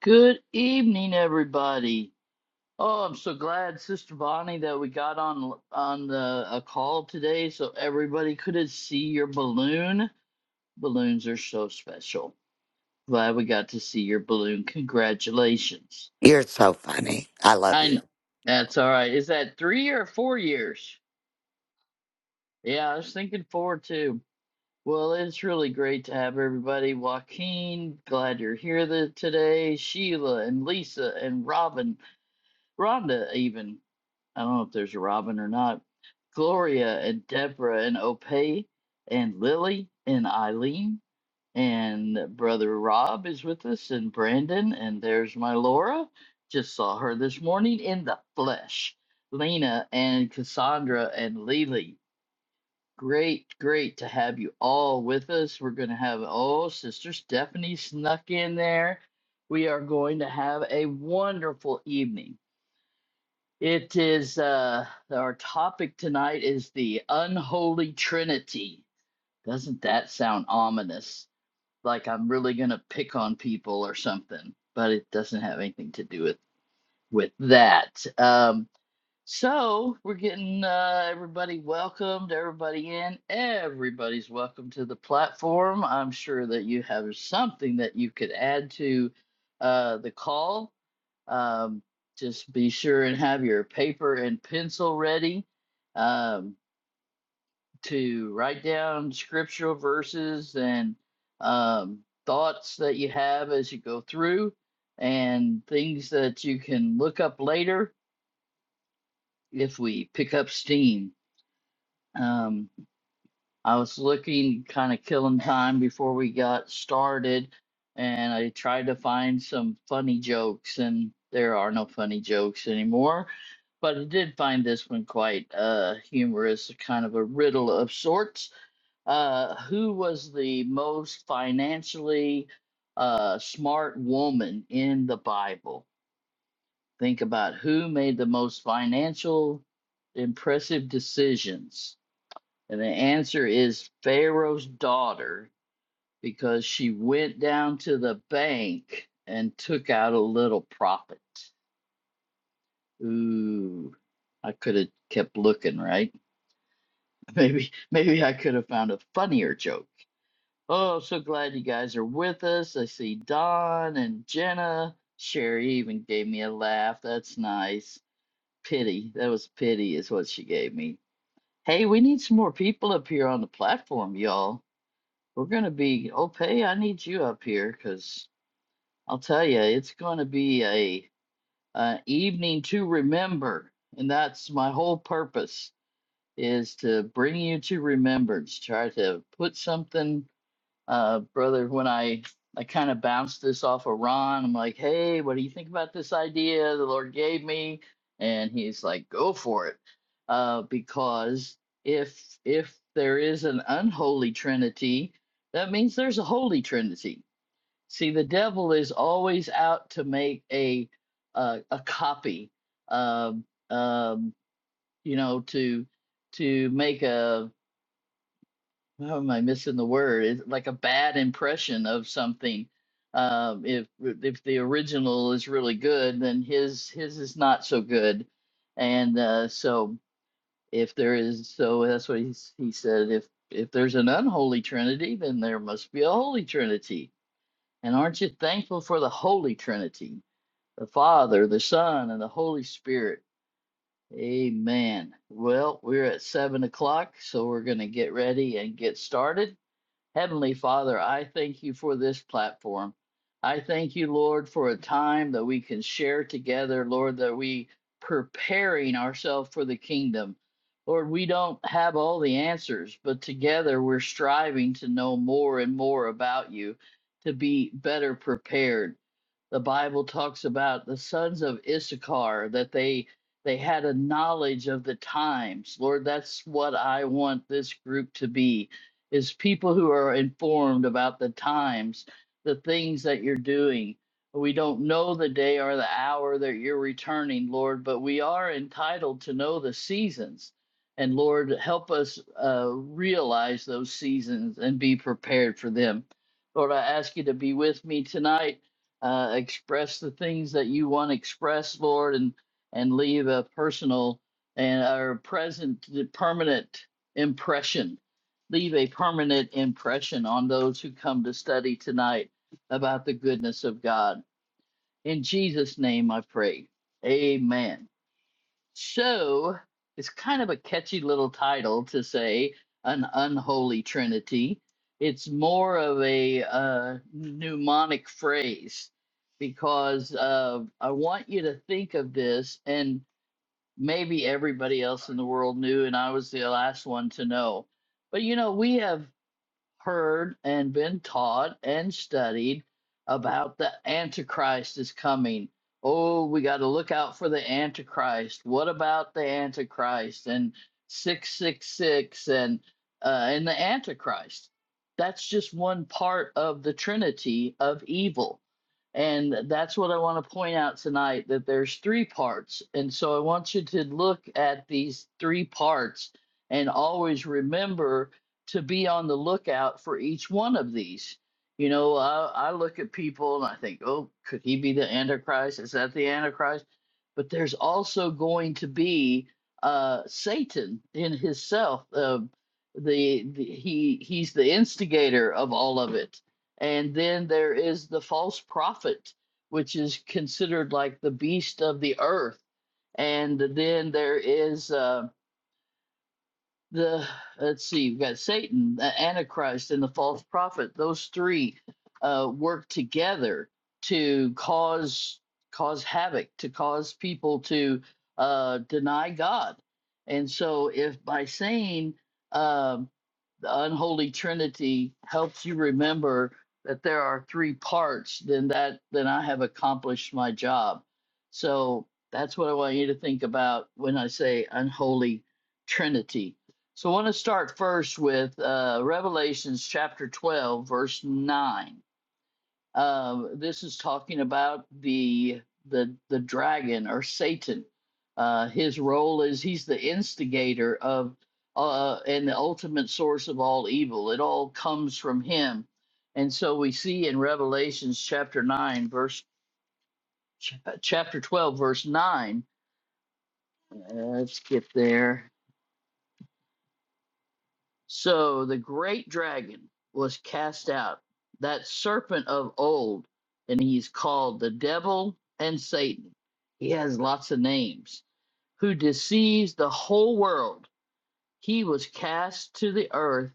Good evening, everybody. Oh, I'm so glad, Sister Bonnie, that we got on on the, a call today, so everybody could see your balloon. Balloons are so special. Glad we got to see your balloon. Congratulations. You're so funny. I love you. I that's all right. Is that three or four years? Yeah, I was thinking four too. Well, it's really great to have everybody. Joaquin, glad you're here the, today. Sheila and Lisa and Robin, Rhonda even. I don't know if there's a Robin or not. Gloria and Deborah and Opay and Lily and Eileen and brother Rob is with us and Brandon and there's my Laura. Just saw her this morning in the flesh. Lena and Cassandra and Lily. Great, great to have you all with us. We're going to have, oh, Sister Stephanie snuck in there. We are going to have a wonderful evening. It is uh our topic tonight is the unholy trinity. Doesn't that sound ominous? Like I'm really going to pick on people or something, but it doesn't have anything to do with with that. Um so we're getting uh, everybody welcomed, everybody in. Everybody's welcome to the platform. I'm sure that you have something that you could add to uh, the call um, just be sure and have your paper and pencil ready um, to write down scriptural verses and um, thoughts that you have as you go through, and things that you can look up later if we pick up steam. Um, I was looking kind of killing time before we got started, and I tried to find some funny jokes, and there are no funny jokes anymore. But I did find this one quite uh, humorous, kind of a riddle of sorts. Uh, who was the most financially uh, smart woman in the Bible? Think about who made the most financial impressive decisions. And the answer is Pharaoh's daughter, because she went down to the bank and took out a little profit. Ooh, I could have kept looking, right? Maybe, maybe I could have found a funnier joke. Oh, so glad you guys are with us. I see Don and Jenna. Sherry even gave me a laugh. That's nice. Pity. That was pity, is what she gave me. Hey, we need some more people up here on the platform, y'all. We're going to be okay. I need you up here because I'll tell you, it's going to be a an evening to remember, and that's my whole purpose is to bring you to remembrance. Try to put something uh, brother, when I I kind of bounced this off of Ron, I'm like, hey, what do you think about this idea the Lord gave me? And he's like, go for it, uh, because if if there is an unholy Trinity, that means there's a holy Trinity. See, the devil is always out to make a a, a copy, um, um, you know, to to make a how am I missing the word? It's like a bad impression of something. Um, if if the original is really good, then his his is not so good. And uh, so if there is, so that's what he s- he said. If if there's an unholy Trinity, then there must be a holy Trinity. And aren't you thankful for the Holy Trinity, the Father, the Son, and the Holy Spirit? Amen. Well, we're at seven o'clock, so we're going to get ready and get started. Heavenly Father, I thank you for this platform. I thank you, Lord, for a time that we can share together, Lord, that we preparing ourselves for the kingdom. Lord, we don't have all the answers, but together we're striving to know more and more about you, to be better prepared the Bible talks about the sons of Issachar that they they had a knowledge of the times. Lord, that's what I want this group to be is people who are informed about the times, the things that you're doing. We don't know the day or the hour that you're returning, Lord, but we are entitled to know the seasons. And Lord, help us uh, realize those seasons and be prepared for them. Lord, I ask you to be with me tonight uh, express the things that you want to express, Lord, and and leave a personal and or present permanent impression. Leave a permanent impression on those who come to study tonight about the goodness of God. In Jesus' name I pray. Amen. So it's kind of a catchy little title to say an unholy trinity. It's more of a uh, mnemonic phrase because uh, I want you to think of this, and maybe everybody else in the world knew, and I was the last one to know. But you know, we have heard and been taught and studied about the Antichrist is coming. Oh, we got to look out for the Antichrist. What about the Antichrist and 666 and uh, and the Antichrist? That's just one part of the Trinity of evil. And that's what I want to point out tonight that there's three parts. And so I want you to look at these three parts and always remember to be on the lookout for each one of these. You know, I, I look at people and I think, oh, could he be the Antichrist? Is that the Antichrist? But there's also going to be uh, Satan in himself. Uh, the, the he he's the instigator of all of it, and then there is the false prophet, which is considered like the beast of the earth, and then there is. Uh, the let's see, we've got Satan, the Antichrist, and the false prophet. Those three uh, work together to cause cause havoc, to cause people to uh, deny God. And so, if by saying, um, the unholy trinity helps you remember that there are three parts then that then i have accomplished my job so that's what i want you to think about when i say unholy trinity so i want to start first with uh, revelations chapter 12 verse 9 um, this is talking about the the the dragon or Satan. Uh, his role is he's the instigator of uh, and the ultimate source of all evil. It all comes from him, and so we see in Revelations chapter nine, verse ch- chapter twelve, verse nine. Uh, let's get there. So the great dragon was cast out, that serpent of old, and he's called the devil and Satan. He has lots of names, who deceives the whole world. He was cast to the earth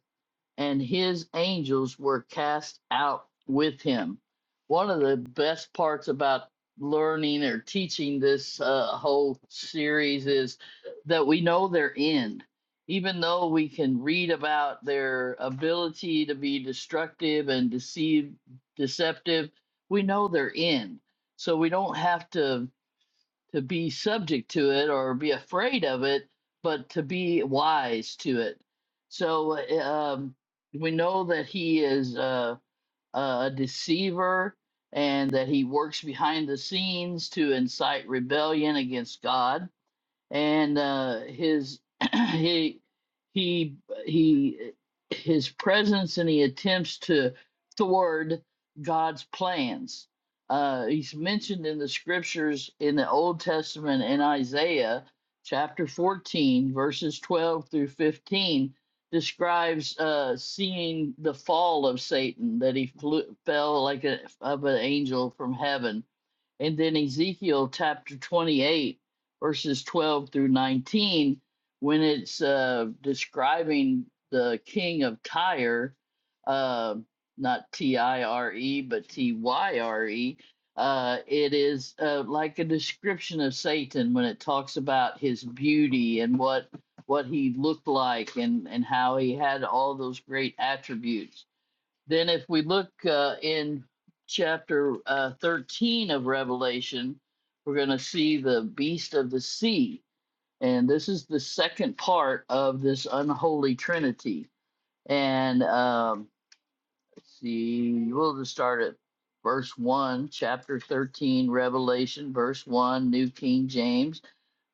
and his angels were cast out with him. One of the best parts about learning or teaching this uh, whole series is that we know their end. Even though we can read about their ability to be destructive and deceive, deceptive, we know their end. So we don't have to to be subject to it or be afraid of it, but to be wise to it. So uh, um, we know that he is uh, a deceiver and that he works behind the scenes to incite rebellion against God and uh, his he he he his presence and he attempts to thwart God's plans. Uh, he's mentioned in the scriptures in the Old Testament in Isaiah chapter 14, verses 12 through 15, describes uh, seeing the fall of Satan, that he flew, fell like a, of an angel from heaven and then Ezekiel chapter 28, verses 12 through 19, when it's uh, describing the king of Tyre, uh, not T I R E, but T Y R E, uh, it is uh, like a description of Satan when it talks about his beauty and what what he looked like and, and how he had all those great attributes. Then, if we look uh, in chapter uh, 13 of Revelation, we're going to see the beast of the sea. And this is the second part of this unholy trinity. And um, let's see, we'll just start at verse 1, chapter 13, Revelation, verse 1, New King James.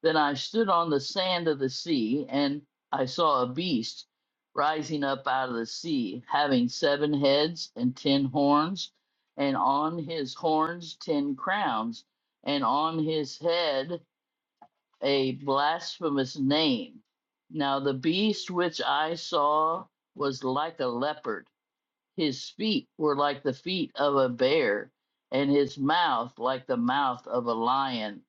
Then I stood on the sand of the sea, and I saw a beast rising up out of the sea, having seven heads and ten horns, and on his horns ten crowns, and on his head a blasphemous name. Now the beast which I saw was like a leopard his feet were like the feet of a bear, and his mouth like the mouth of a lion.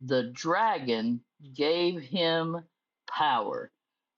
The dragon gave him power.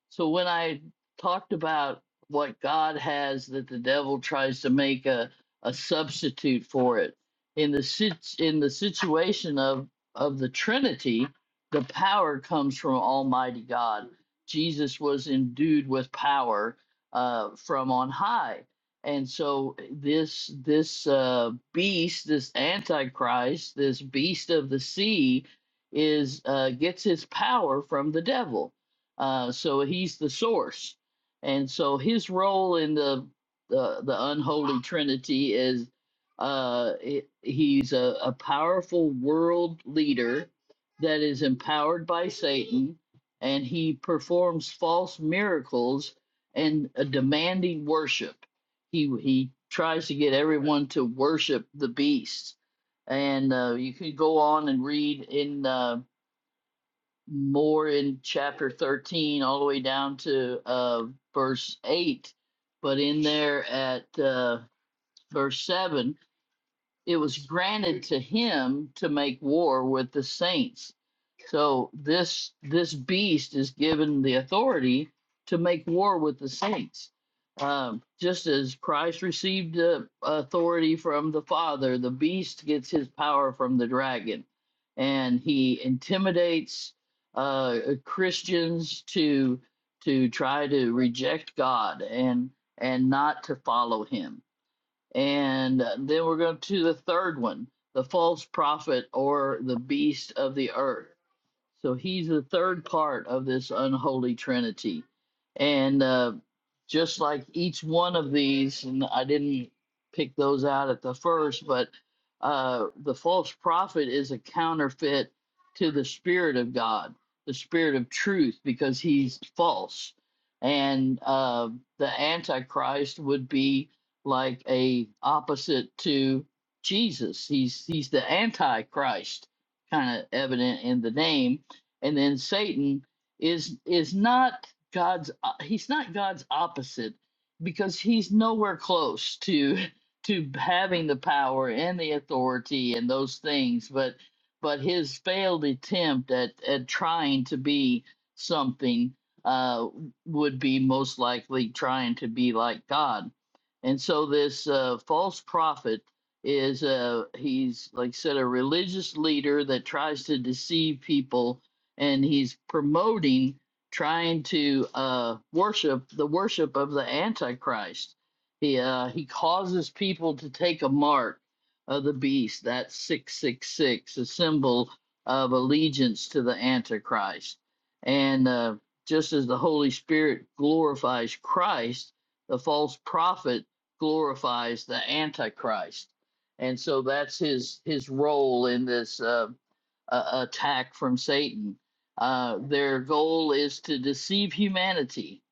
So when I talked about what God has that the devil tries to make a, a substitute for it in the sit- in the situation of of the Trinity, the power comes from Almighty God. Jesus was endued with power uh, from on high, and so this this uh, beast, this Antichrist, this beast of the sea, is uh, gets his power from the devil uh, so he's the source, and so his role in the the, the unholy trinity is uh, he- he's a, a powerful world leader that is empowered by Satan, and he performs false miracles and uh, demanding worship. He he tries to get everyone to worship the beast, and uh, you could go on and read in. Uh, more in chapter 13 all the way down to uh, verse 8 but in there at uh, verse 7 it was granted to him to make war with the saints. So this this beast is given the authority to make war with the saints. Um, just as Christ received the authority from the Father, the beast gets his power from the dragon, and he intimidates uh, Christians to to try to reject God and and not to follow Him and uh, then we're going to the third one the false prophet or the beast of the earth. So he's the third part of this unholy trinity. And uh, just like each one of these, and I didn't pick those out at the first, but uh, the false prophet is a counterfeit to the Spirit of God, the Spirit of truth, because he's false. And uh, the Antichrist would be like a opposite to Jesus. He's he's the Antichrist, kind of evident in the name and then Satan is is not God's he's not God's opposite because he's nowhere close to to having the power and the authority and those things but but his failed attempt at at trying to be something uh would be most likely trying to be like God and so this uh false prophet is uh he's like I said a religious leader that tries to deceive people and he's promoting trying to uh, worship the worship of the Antichrist. He uh, he causes people to take a mark of the beast. That's six six six, a symbol of allegiance to the Antichrist. And uh, just as the Holy Spirit glorifies Christ, the false prophet glorifies the Antichrist. And so that's his his role in this uh, uh, attack from Satan uh, their goal is to deceive humanity,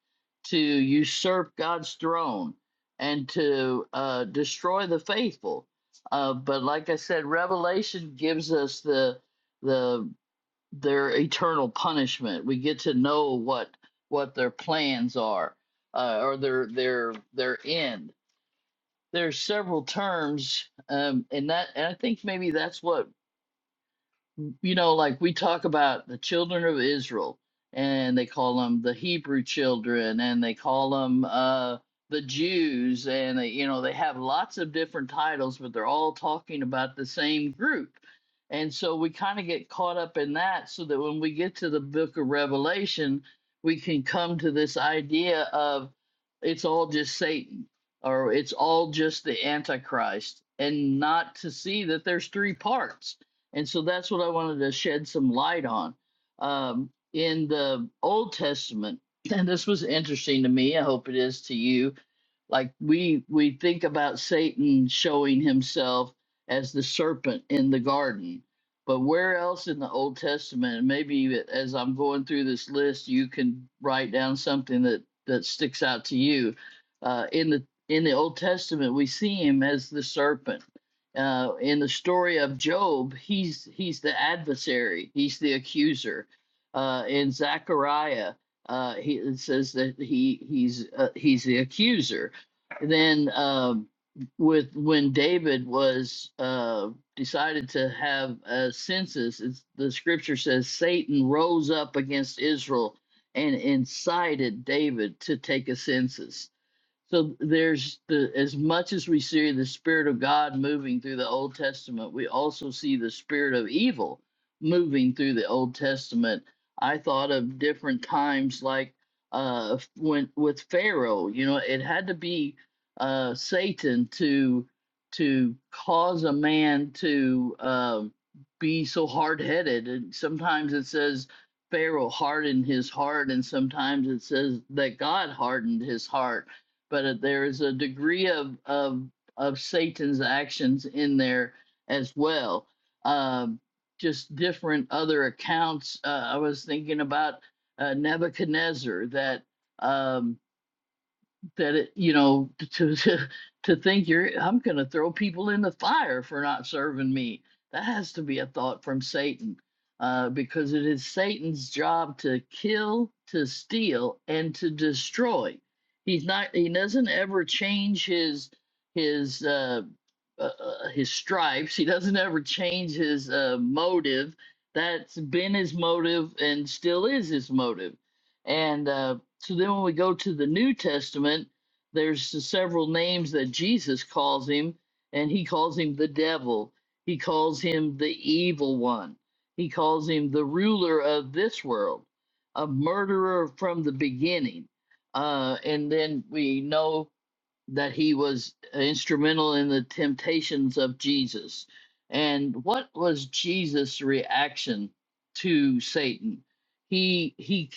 to usurp God's throne, and to uh, destroy the faithful. Uh, but like I said, Revelation gives us the the their eternal punishment. We get to know what what their plans are, uh, or their their their end. There's several terms, um, and that and I think maybe that's what you know, like we talk about the children of Israel, and they call them the Hebrew children, and they call them uh, the Jews, and they, you know, they have lots of different titles, but they're all talking about the same group. And so we kind of get caught up in that, so that when we get to the book of Revelation, we can come to this idea of it's all just Satan or it's all just the Antichrist, and not to see that there's three parts and so that's what I wanted to shed some light on. Um, in the Old Testament, and this was interesting to me, I hope it is to you. Like we we think about Satan showing himself as the serpent in the garden, but where else in the Old Testament? And maybe as I'm going through this list, you can write down something that that sticks out to you. Uh, in the in the Old Testament, we see him as the serpent uh, in the story of Job, he's he's the adversary, he's the accuser. Uh, in Zechariah, uh, he it says that he he's uh, he's the accuser. Then um, with when David was uh, decided to have a census, it's, the scripture says Satan rose up against Israel and incited David to take a census so there's the as much as we see the spirit of God moving through the Old Testament, we also see the spirit of evil moving through the Old Testament. I thought of different times like uh when with Pharaoh, you know, it had to be uh Satan to to cause a man to um be so hard-headed and sometimes it says Pharaoh hardened his heart and sometimes it says that God hardened his heart but uh, there is a degree of of of Satan's actions in there as well. Um, just different other accounts. Uh, I was thinking about uh, Nebuchadnezzar that um, that it, you know, to to, to think you're I'm going to throw people in the fire for not serving me. That has to be a thought from Satan, uh, because it is Satan's job to kill, to steal, and to destroy. He's not. He doesn't ever change his his uh, uh, uh, his stripes. He doesn't ever change his uh, motive. That's been his motive and still is his motive. And uh, so then when we go to the New Testament, there's the several names that Jesus calls him, and he calls him the devil. He calls him the evil one. He calls him the ruler of this world, a murderer from the beginning. Uh, and then we know that he was instrumental in the temptations of Jesus. And what was Jesus' reaction to Satan? He he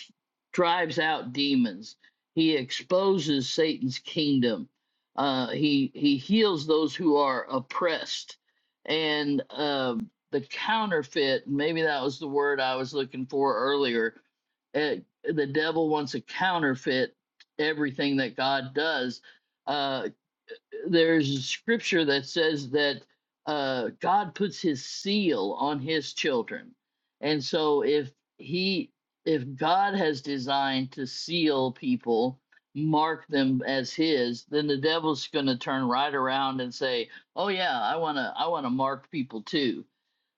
drives out demons. He exposes Satan's kingdom. Uh, he he heals those who are oppressed, and um the counterfeit. Maybe that was the word I was looking for earlier. Uh, the devil wants to counterfeit everything that God does uh, there's a scripture that says that uh, God puts His seal on His children, and so if He, if God has designed to seal people, mark them as His, then the devil's going to turn right around and say, "Oh yeah, I want to, I want to mark people too."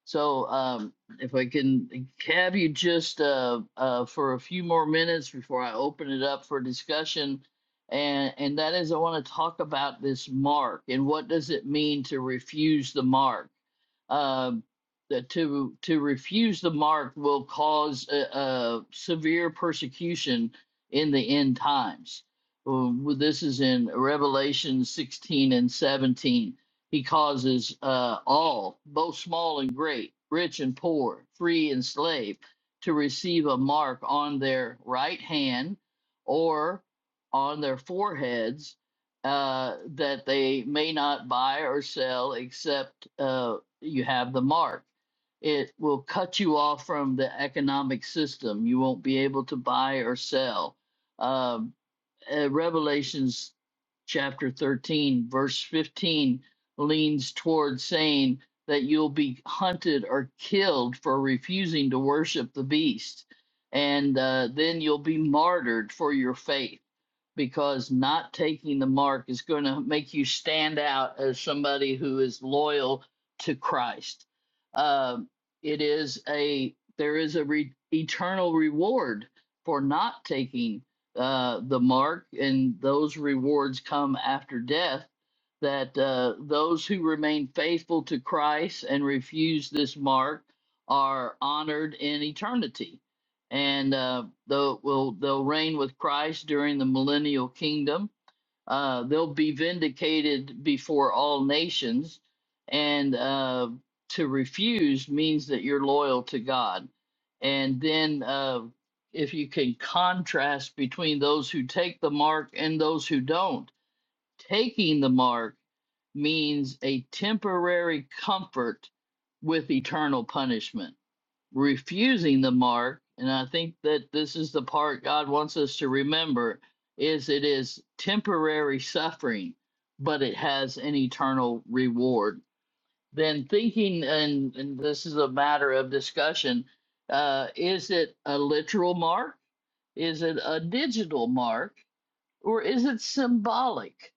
So, um, if I can have you just uh, uh, for a few more minutes before I open it up for discussion, and and that is I want to talk about this mark and what does it mean to refuse the mark. Um, that to to refuse the mark will cause a uh severe persecution in the end times. Well, This is in Revelation 16 and 17 he causes uh, all, both small and great, rich and poor, free and slave, to receive a mark on their right hand or on their foreheads, uh, that they may not buy or sell except uh, you have the mark. It will cut you off from the economic system. You won't be able to buy or sell. Um, uh, Revelations chapter 13, verse 15 leans toward saying that you'll be hunted or killed for refusing to worship the beast. And uh, then you'll be martyred for your faith because not taking the mark is going to make you stand out as somebody who is loyal to Christ. Um, it is a there is a re- eternal reward for not taking uh, the mark, and those rewards come after death. That uh, those who remain faithful to Christ and refuse this mark are honored in eternity and uh, they'll will they'll reign with Christ during the millennial kingdom. Uh, they'll be vindicated before all nations, and uh, to refuse means that you're loyal to God. And then, uh, if you can contrast between those who take the mark and those who don't, taking the mark means a temporary comfort with eternal punishment refusing the mark, and I think that this is the part God wants us to remember, is it is temporary suffering, but it has an eternal reward. Then thinking, and, and this is a matter of discussion, uh, is it a literal mark? Is it a digital mark? Or is it symbolic?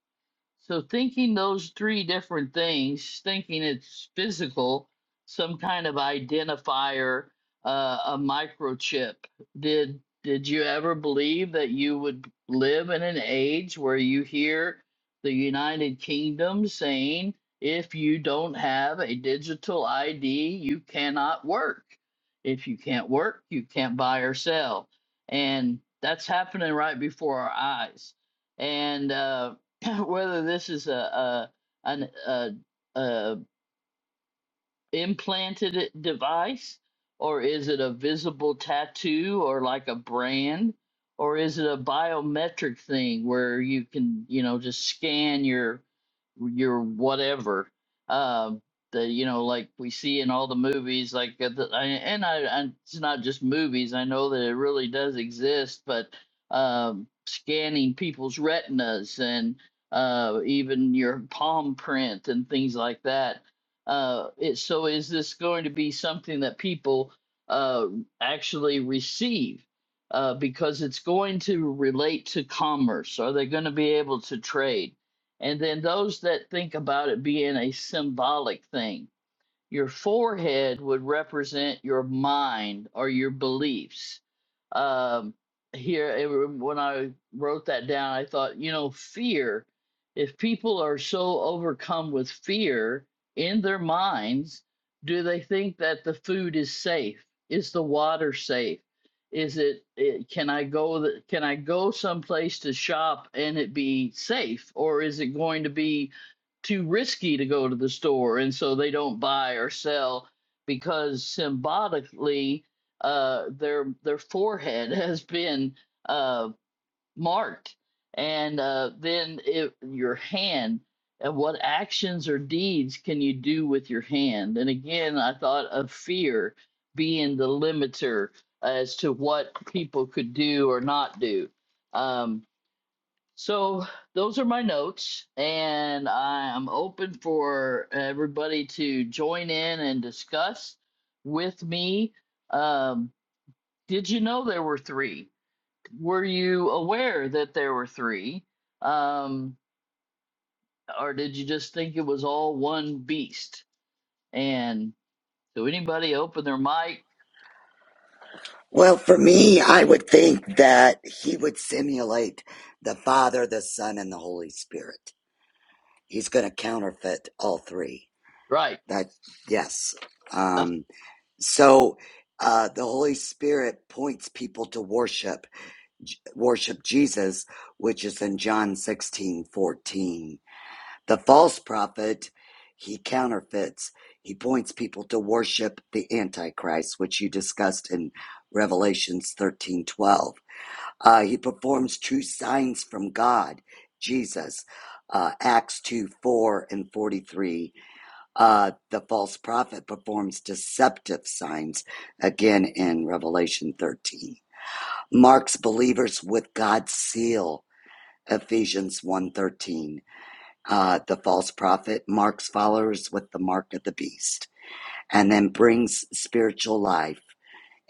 So thinking those three different things, thinking it's physical, some kind of identifier, uh, a microchip. Did did you ever believe that you would live in an age where you hear the United Kingdom saying, if you don't have a digital ID, you cannot work. If you can't work, you can't buy or sell. And that's happening right before our eyes. And uh whether this is a a an, a, a implanted device or is it a visible tattoo or like a brand or is it a biometric thing where you can you know just scan your your whatever um the you know like we see in all the movies like uh, the, I, and I, I it's not just movies i know that it really does exist but um scanning people's retinas and uh even your palm print and things like that uh, it, so is this going to be something that people uh, actually receive? Uh, because it's going to relate to commerce. Are they going to be able to trade? And then those that think about it being a symbolic thing your forehead would represent your mind or your beliefs. Um, here, it, when I wrote that down, I thought, you know, fear. If people are so overcome with fear in their minds, do they think that the food is safe? Is the water safe? Is it, it can I go can I go someplace to shop and it be safe or is it going to be too risky to go to the store and so they don't buy or sell because symbolically uh their their forehead has been uh marked and uh then it, your hand and what actions or deeds can you do with your hand and again i thought of fear being the limiter as to what people could do or not do um so those are my notes, and I'm open for everybody to join in and discuss with me. Um, did you know there were three? Were you aware that there were three? Um, or did you just think it was all one beast? And so anybody open their mic? Well, for me, I would think that he would simulate the Father, the Son, and the Holy Spirit. He's going to counterfeit all three. Right. That yes. Uh, Um, so uh, the Holy Spirit points people to worship, worship Jesus, which is in John sixteen fourteen. The false prophet, he counterfeits. He points people to worship the Antichrist, which you discussed in Revelations thirteen twelve. Uh, he performs true signs from God, Jesus, uh, Acts 2 4 and 43. Uh, the false prophet performs deceptive signs, again in Revelation 13. Marks believers with God's seal, Ephesians one thirteen uh, the false prophet marks followers with the mark of the beast and then brings spiritual life.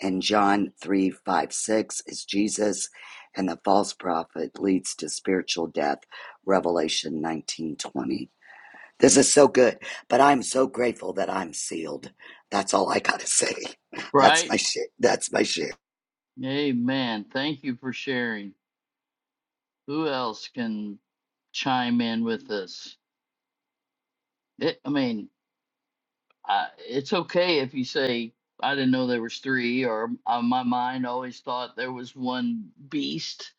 In John 3 5 6, is Jesus, and the false prophet leads to spiritual death. Revelation nineteen twenty. This is so good, but I'm so grateful that I'm sealed. That's all I gotta say. That's right. my shit. That's my shit. Amen. Thank you for sharing. Who else can chime in with this? It, I mean, I, it's okay if you say I didn't know there was three, or uh, my mind always thought there was one beast.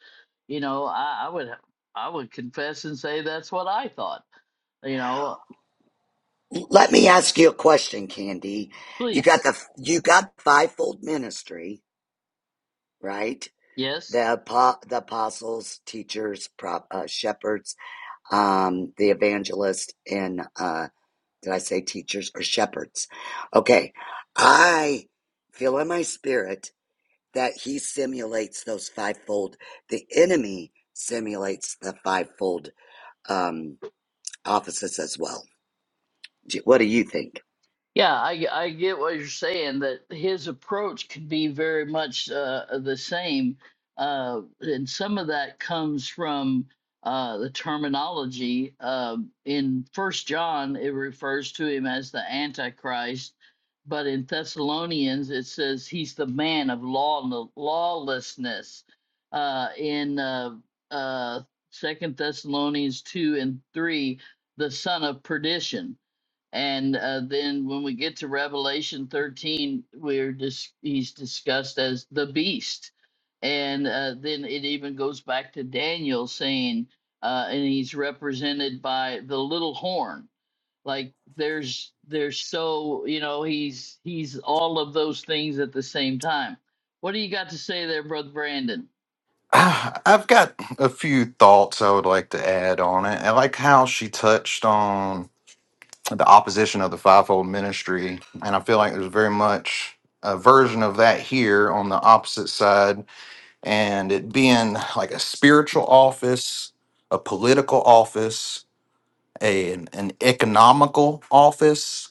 You know, I, I would I would confess and say that's what I thought. You know, Let me ask you a question, Candy. You got please, the you got fivefold ministry, right? yes, the apo- the apostles, teachers, prop, uh, shepherds, um, the evangelist, and uh, did I say teachers or shepherds? Okay, I feel in my spirit that he simulates those fivefold. The enemy simulates the fivefold um, offices as well. What do you think? Yeah, I, I get what you're saying, that his approach can be very much uh, the same. Uh, and some of that comes from uh, the terminology. Um in First John, it refers to him as the Antichrist, but in Thessalonians, it says he's the man of law, no, lawlessness. Uh, in uh, uh, Second Thessalonians 2 and 3, the son of perdition and uh, then when we get to revelation 13 we're dis- he's discussed as the beast and uh, then it even goes back to daniel saying uh, and he's represented by the little horn like there's there's so you know he's he's all of those things at the same time what do you got to say there brother brandon Ah, I've got a few thoughts I would like to add on it. I like how she touched on the opposition of the fivefold ministry, and I feel like there's very much a version of that here on the opposite side, and it being like a spiritual office, a political office, a, an, an economical office,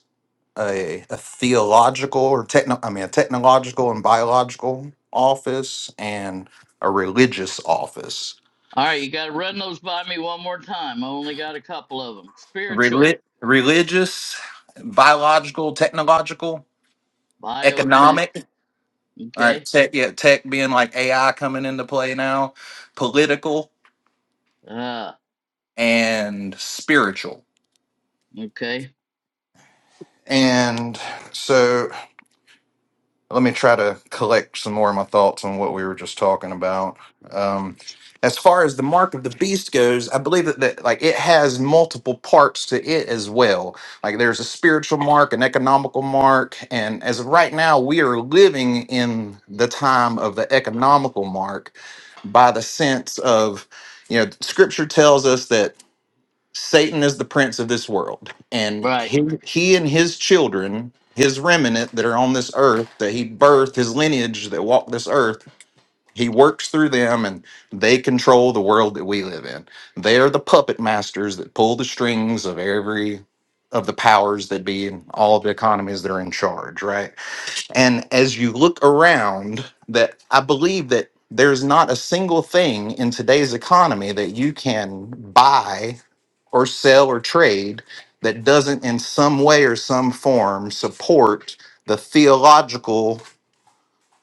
a, a theological or techno, I mean, a technological and biological office, and a religious office all right you got to run those by me one more time i only got a couple of them spiritual Reli- religious, biological, technological, biotech economic. All right, okay tech, yeah, tech being like AI coming into play now, political Uh, and spiritual. Okay. And so. let me try to collect some more of my thoughts on what we were just talking about. Um, as far as the mark of the beast goes, I believe that, that like it has multiple parts to it as well. Like there's a spiritual mark, an economical mark, and as of right now, we are living in the time of the economical mark by the sense of you know scripture tells us that Satan is the prince of this world, and Right. he, he and his children, his remnant that are on this earth, that he birthed, his lineage that walk this earth, he works through them, and they control the world that we live in. They are the puppet masters that pull the strings of every of the powers that be and all of the economies that are in charge, right? And as you look around, that I believe that there's not a single thing in today's economy that you can buy or sell or trade that doesn't in some way or some form support the theological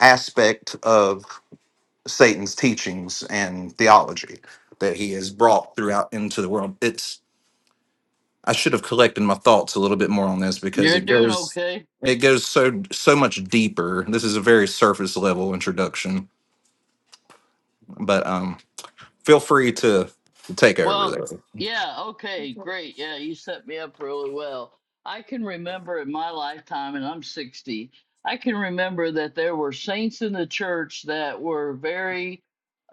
aspect of Satan's teachings and theology that he has brought throughout into the world. It's I should have collected my thoughts a little bit more on this because You're it doing goes okay. it goes so so much deeper. This is a very surface level introduction, but um feel free to take over Well, there. yeah, okay, great. Yeah, you set me up really well. I can remember in my lifetime, and I'm 60, I can remember that there were saints in the church that were very,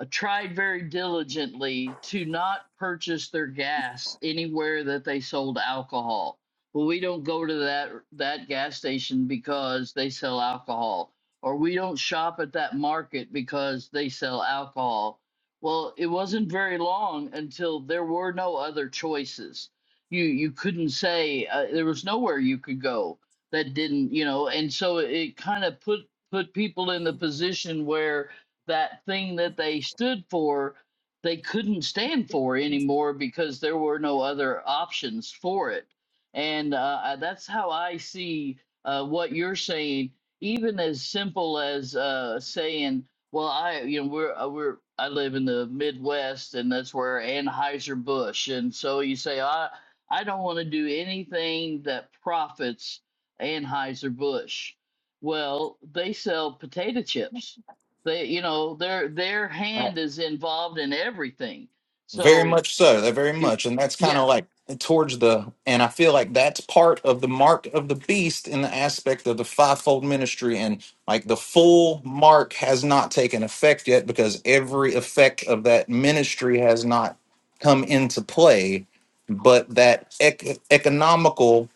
uh, tried very diligently to not purchase their gas anywhere that they sold alcohol. Well, we don't go to that that gas station because they sell alcohol, or we don't shop at that market because they sell alcohol well, it wasn't very long until there were no other choices. You you couldn't say uh, there was nowhere you could go that didn't, you know, and so it kind of put put people in the position where that thing that they stood for they couldn't stand for anymore because there were no other options for it. And uh, I- that's how I see uh, what you're saying, even as simple as uh, saying. Well, I you know we're uh, we're I live in the Midwest and that's where Anheuser-Busch and so you say I I don't want to do anything that profits Anheuser-Busch. Well, they sell potato chips. They you know their their hand is involved in everything. Very So much so. uh, Very it- much. And that's kind of yeah, like towards the, and I feel like that's part of the mark of the beast in the aspect of the fivefold ministry. And like the full mark has not taken effect yet because every effect of that ministry has not come into play, but that ec- economical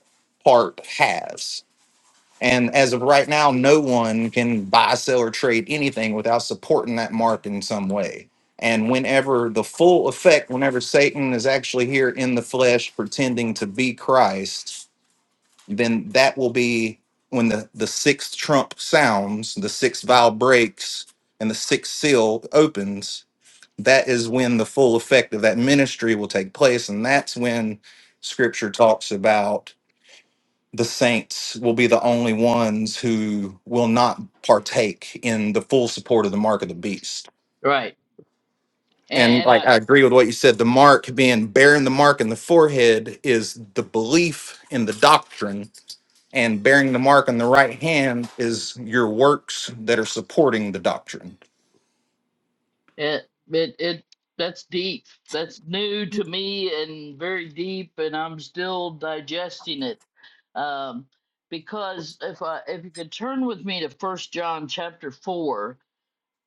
part has. And as of right now, no one can buy, sell, or trade anything without supporting that mark in some way. And whenever the full effect, whenever Satan is actually here in the flesh pretending to be Christ, then that will be when the, the sixth trump sounds, the sixth vial breaks, and the sixth seal opens. That is when the full effect of that ministry will take place. And that's when scripture talks about the saints will be the only ones who will not partake in the full support of the mark of the beast. right. And, And and like I. I agree with what you said, the mark being bearing the mark in the forehead is the belief in the doctrine, and bearing the mark on the right hand is your works that are supporting the doctrine. It it it that's deep. That's new to me and very deep, and I'm still digesting it. Um, because if I if you could turn with me to First John chapter four,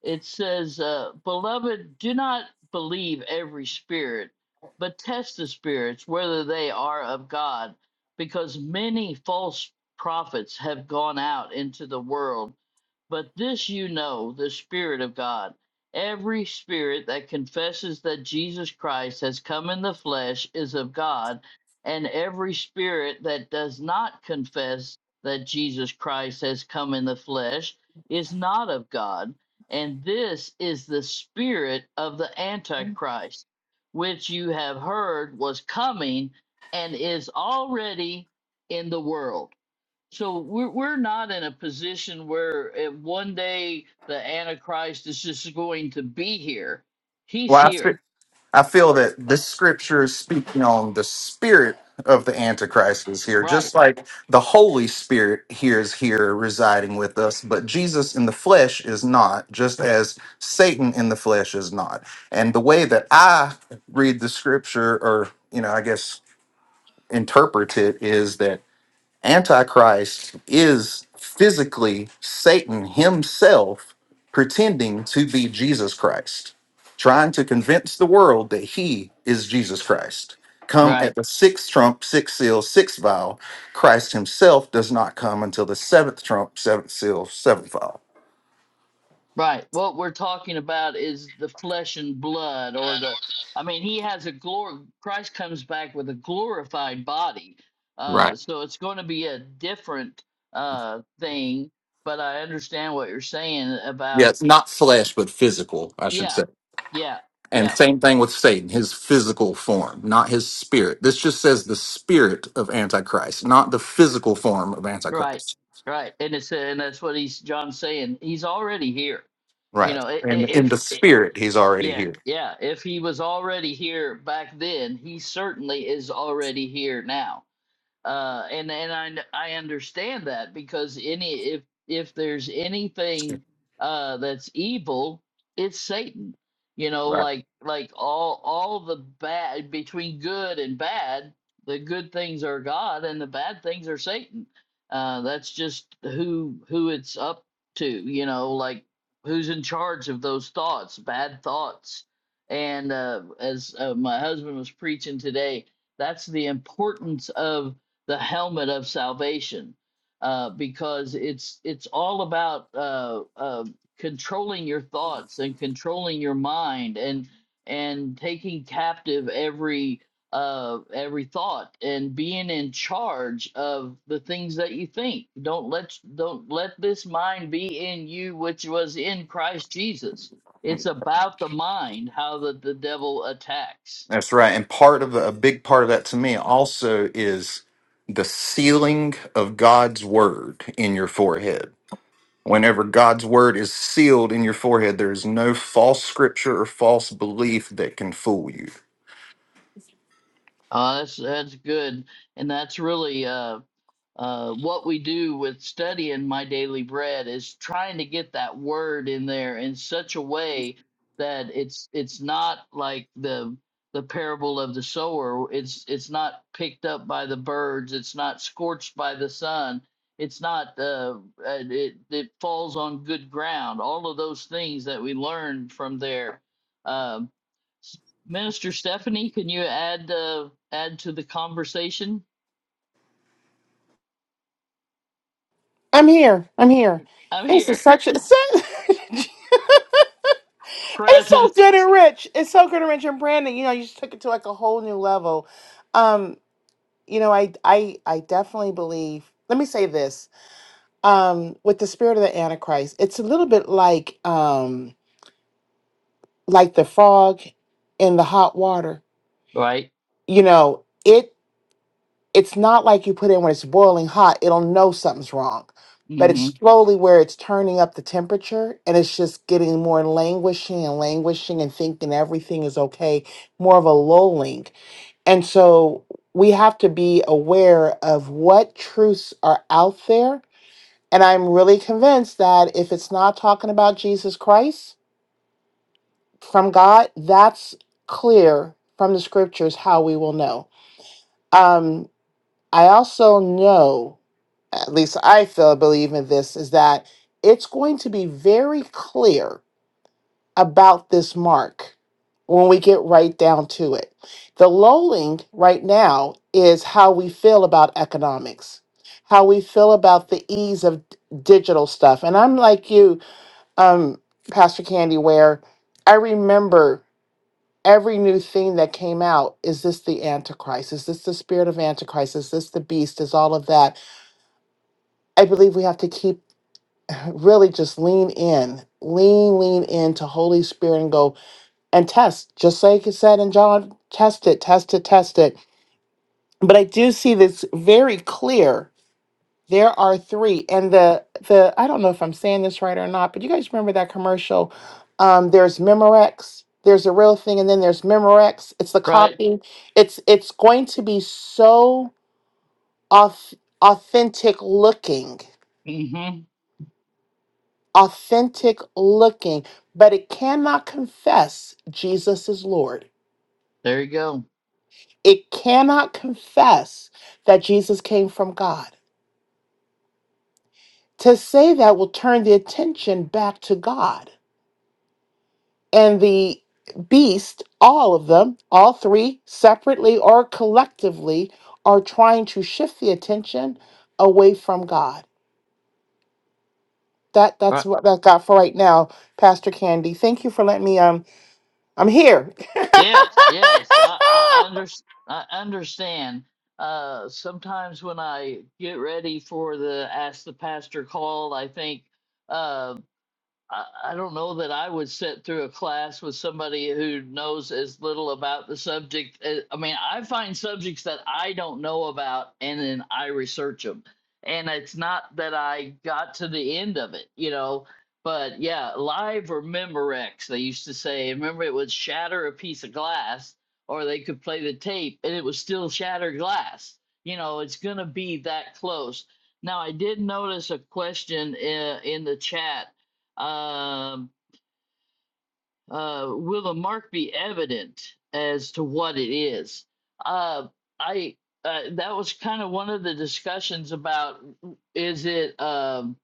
it says, uh, "Beloved, do not believe every spirit, but test the spirits whether they are of God, because many false prophets have gone out into the world." But this you know, the Spirit of God. Every spirit that confesses that Jesus Christ has come in the flesh is of God, and every spirit that does not confess that Jesus Christ has come in the flesh is not of God. And this is the spirit of the Antichrist, which you have heard was coming and is already in the world. So we're we're not in a position where uh, one day the Antichrist is just going to be here. He's here. I feel that this scripture is speaking on the spirit of the Antichrist is here, Right. just like the Holy Spirit here is here residing with us, but Jesus in the flesh is not, just as Satan in the flesh is not. And the way that I read the scripture, or, you know, I guess interpret it, is that. Antichrist is physically Satan himself pretending to be Jesus Christ, trying to convince the world that he is Jesus Christ. Come Right. at the sixth trump, sixth seal, sixth vial. Christ himself does not come until the seventh trump, seventh seal, seventh vial. Right. What we're talking about is the flesh and blood or the I mean he has a glory Christ comes back with a glorified body. Right. Uh so it's going to be a different uh thing, but I understand what you're saying Yeah, about it's not flesh, but physical, I should yeah. say. Yeah. And Yeah. same thing with Satan, his physical form, not his spirit. This just says the spirit of Antichrist, not the physical form of Right, Antichrist. right, and it's and that's what he's John's saying. He's already here, you Right. know. i- i- And in the If, i spirit, he's already yeah, here. yeah, if he was already here back then, he certainly is already here now uh, and and I I understand that because any if if there's anything uh, that's evil, it's Satan. You know, Right. like like all all the bad between good and bad, the good things are God and the bad things are Satan. Uh, that's just who who it's up to. You know, like who's in charge of those thoughts, bad thoughts. And uh, as uh, my husband was preaching today, that's the importance of the helmet of salvation uh, because it's it's all about uh, uh, controlling your thoughts and controlling your mind and and taking captive every uh, every thought and being in charge of the things that you think. Don't let don't let this mind be in you which was in Christ Jesus. It's about the mind how that the devil attacks. That's right. And part of a big part of that to me also is the sealing of God's word in your forehead. Whenever God's word is sealed in your forehead, there is no false scripture or false belief that can fool you. Uh, that's that's good and that's really uh, uh, what we do with studying my daily bread is trying to get that word in there in such a way that it's it's not like the the parable of the sower it's it's not picked up by the birds it's not scorched by the sun it's not uh, uh, it, it falls on good ground all of those things that we learn from there um, S- minister stephanie can you add uh, add to the conversation I'm here. I'm here. i'm It's here just such a it's so present, good and rich. It's so good and rich and Brandon. You know, you just took it to like a whole new level. Um, you know, I I I definitely believe. Let me say this. Um, with the spirit of the Antichrist, it's a little bit like um like the frog in the hot water. right? You know, it. it's not like you put in when it's boiling hot, it'll know something's wrong. But it's Mm-hmm. slowly where it's turning up the temperature and it's just getting more languishing and languishing and thinking everything is okay, more of a lulling. And so we have to be aware of what truths are out there. And I'm really convinced that if it's not talking about Jesus Christ from God, that's clear from the scriptures how we will know. Um, I also know, at least I feel believe in this, is that it's going to be very clear about this mark when we get right down to it. The lowling right now is how we feel about economics, how we feel about the ease of d- digital stuff. And I'm like you, um, Pastor Candy, where I remember every new thing that came out is this the antichrist is this the spirit of antichrist is this the beast is all of that I believe we have to keep really just lean in, lean, lean into Holy Spirit and go and test, just like it said in John, test it, test it, test it. But I do see this very clear. There are three, and the the I don't know if I'm saying this right or not, but you guys remember that commercial? Um, there's Memorex, there's a real thing, and then there's Memorex. It's the Right? copy. It's it's going to be so auth- authentic looking Mm-hmm. authentic looking, but it cannot confess Jesus is Lord. There you go. It cannot confess that Jesus came from God. To say that will turn the attention back to God. And the beast, all of them, all three, separately or collectively, are trying to shift the attention away from God. That that's Right. what I've got for right now, Pastor Candy. Thank you for letting me um I'm here. Yes, yes. I, I, under, I understand. Uh, sometimes when I get ready for the Ask the Pastor call, I think Uh. I, I don't know that I would sit through a class with somebody who knows as little about the subject. as- I mean, I find subjects that I don't know about and then I research them. And it's not that I got to the end of it, you know. But yeah, live or Memorex, they used to say. And Remember, it would shatter a piece of glass, or they could play the tape and it was still shattered glass. You know, it's going to be that close. Now, I did notice a question in, in the chat um, uh, will the mark be evident as to what it is? Uh, I uh, that was kind of one of the discussions about is it um,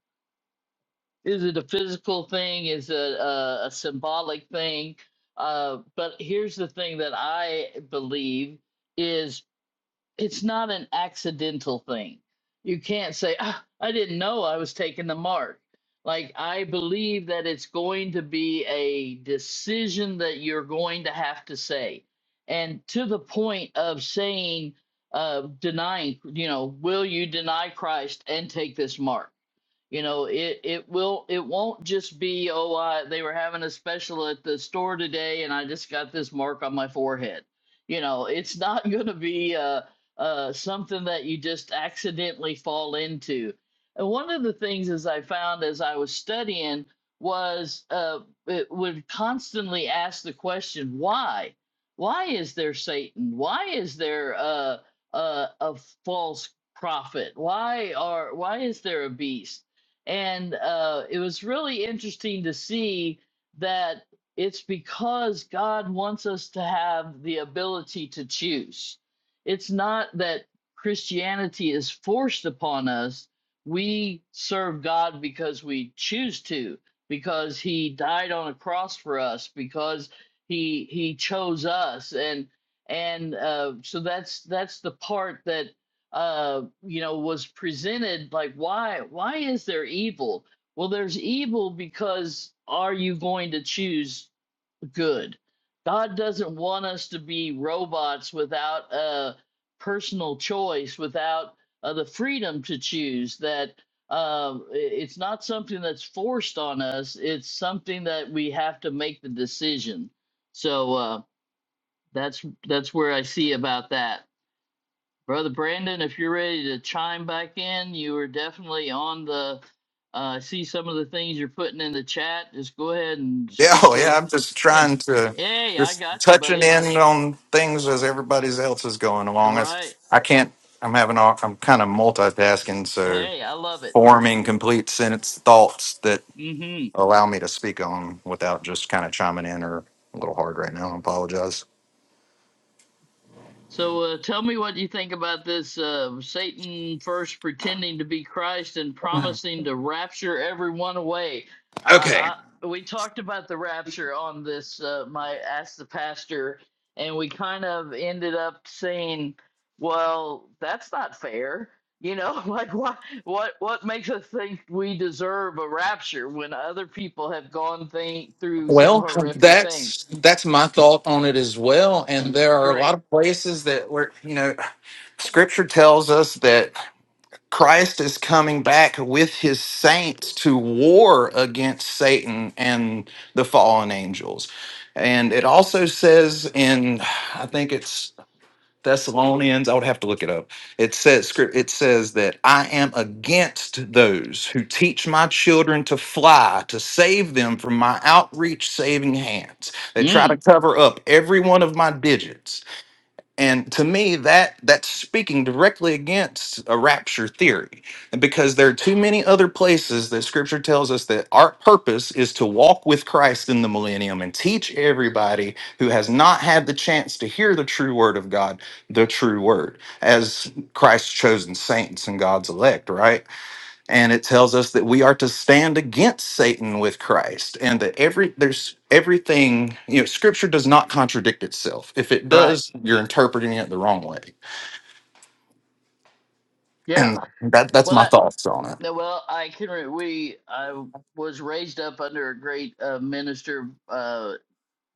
is it a physical thing? Is it a, a symbolic thing? Uh, but here's the thing that I believe is it's not an accidental thing. You can't say, ah, I didn't know I was taking the mark. Like, I believe that it's going to be a decision that you're going to have to say. And to the point of saying, uh, denying, you know, will you deny Christ and take this mark? You know, it it will it won't just be oh uh, they were having a special at the store today and I just got this mark on my forehead. You know, it's not going to be uh, uh, something that you just accidentally fall into. And one of the things as I found as I was studying was uh, it would constantly ask the question why why is there Satan? Why is there uh, uh, a false prophet? Why are why is there a beast? And uh, it was really interesting to see that it's because God wants us to have the ability to choose. It's not that Christianity is forced upon us. We serve God because we choose to, because He died on a cross for us, because He He chose us, and and uh, so that's that's the part that uh you know was presented like why why is there evil well there's evil because are you going to choose good god doesn't want us to be robots without a personal choice without uh, the freedom to choose that um, it's not something that's forced on us it's something that we have to make the decision so uh, that's that's where i see about that Brother Brandon, if you're ready to chime back in, you are definitely on the. Uh, I see some of the things you're putting in the chat. Just go ahead and Yeah, speak oh, yeah. the. I'm just Yeah. trying to Hey, I just got you, touching buddy. in on things as everybody else is going All along. I, right. I can't. I'm having. All, I'm kind of multitasking, so Hey, I love it. forming complete sentence thoughts that Mm-hmm. allow me to speak on without just kind of chiming in or a little hard right now. I apologize. So uh, tell me what you think about this uh, Satan first pretending to be Christ and promising to rapture everyone away. Okay. Uh, I, we talked about the rapture on this, uh, my Ask the Pastor, and we kind of ended up saying, well, that's not fair. You know, like what what what makes us think we deserve a rapture when other people have gone thing, through some Well, horrific that's things? that's my thought on it as well. And there are a lot Great. of places that where you know Scripture tells us that. Christ is coming back with his saints to war against Satan and the fallen angels. And it also says in, I think it's Thessalonians, I would have to look it up. It says script it says that I am against those who teach my children to fly to save them from my outreach saving hands. They try to Mm, cover up every one of my digits. And to me, that that's speaking directly against a rapture theory, and because there are too many other places that Scripture tells us that our purpose is to walk with Christ in the millennium and teach everybody who has not had the chance to hear the true Word of God, the true Word, as Christ's chosen saints and God's elect, right? and it tells us that we are to stand against Satan with Christ, and that every there's everything you know. Scripture does not contradict itself. If it right. does, you're interpreting it the wrong way, Yeah. and that that's Well, my that thoughts on it. No, well, I can. Re- we I was raised up under a great uh, minister. Uh,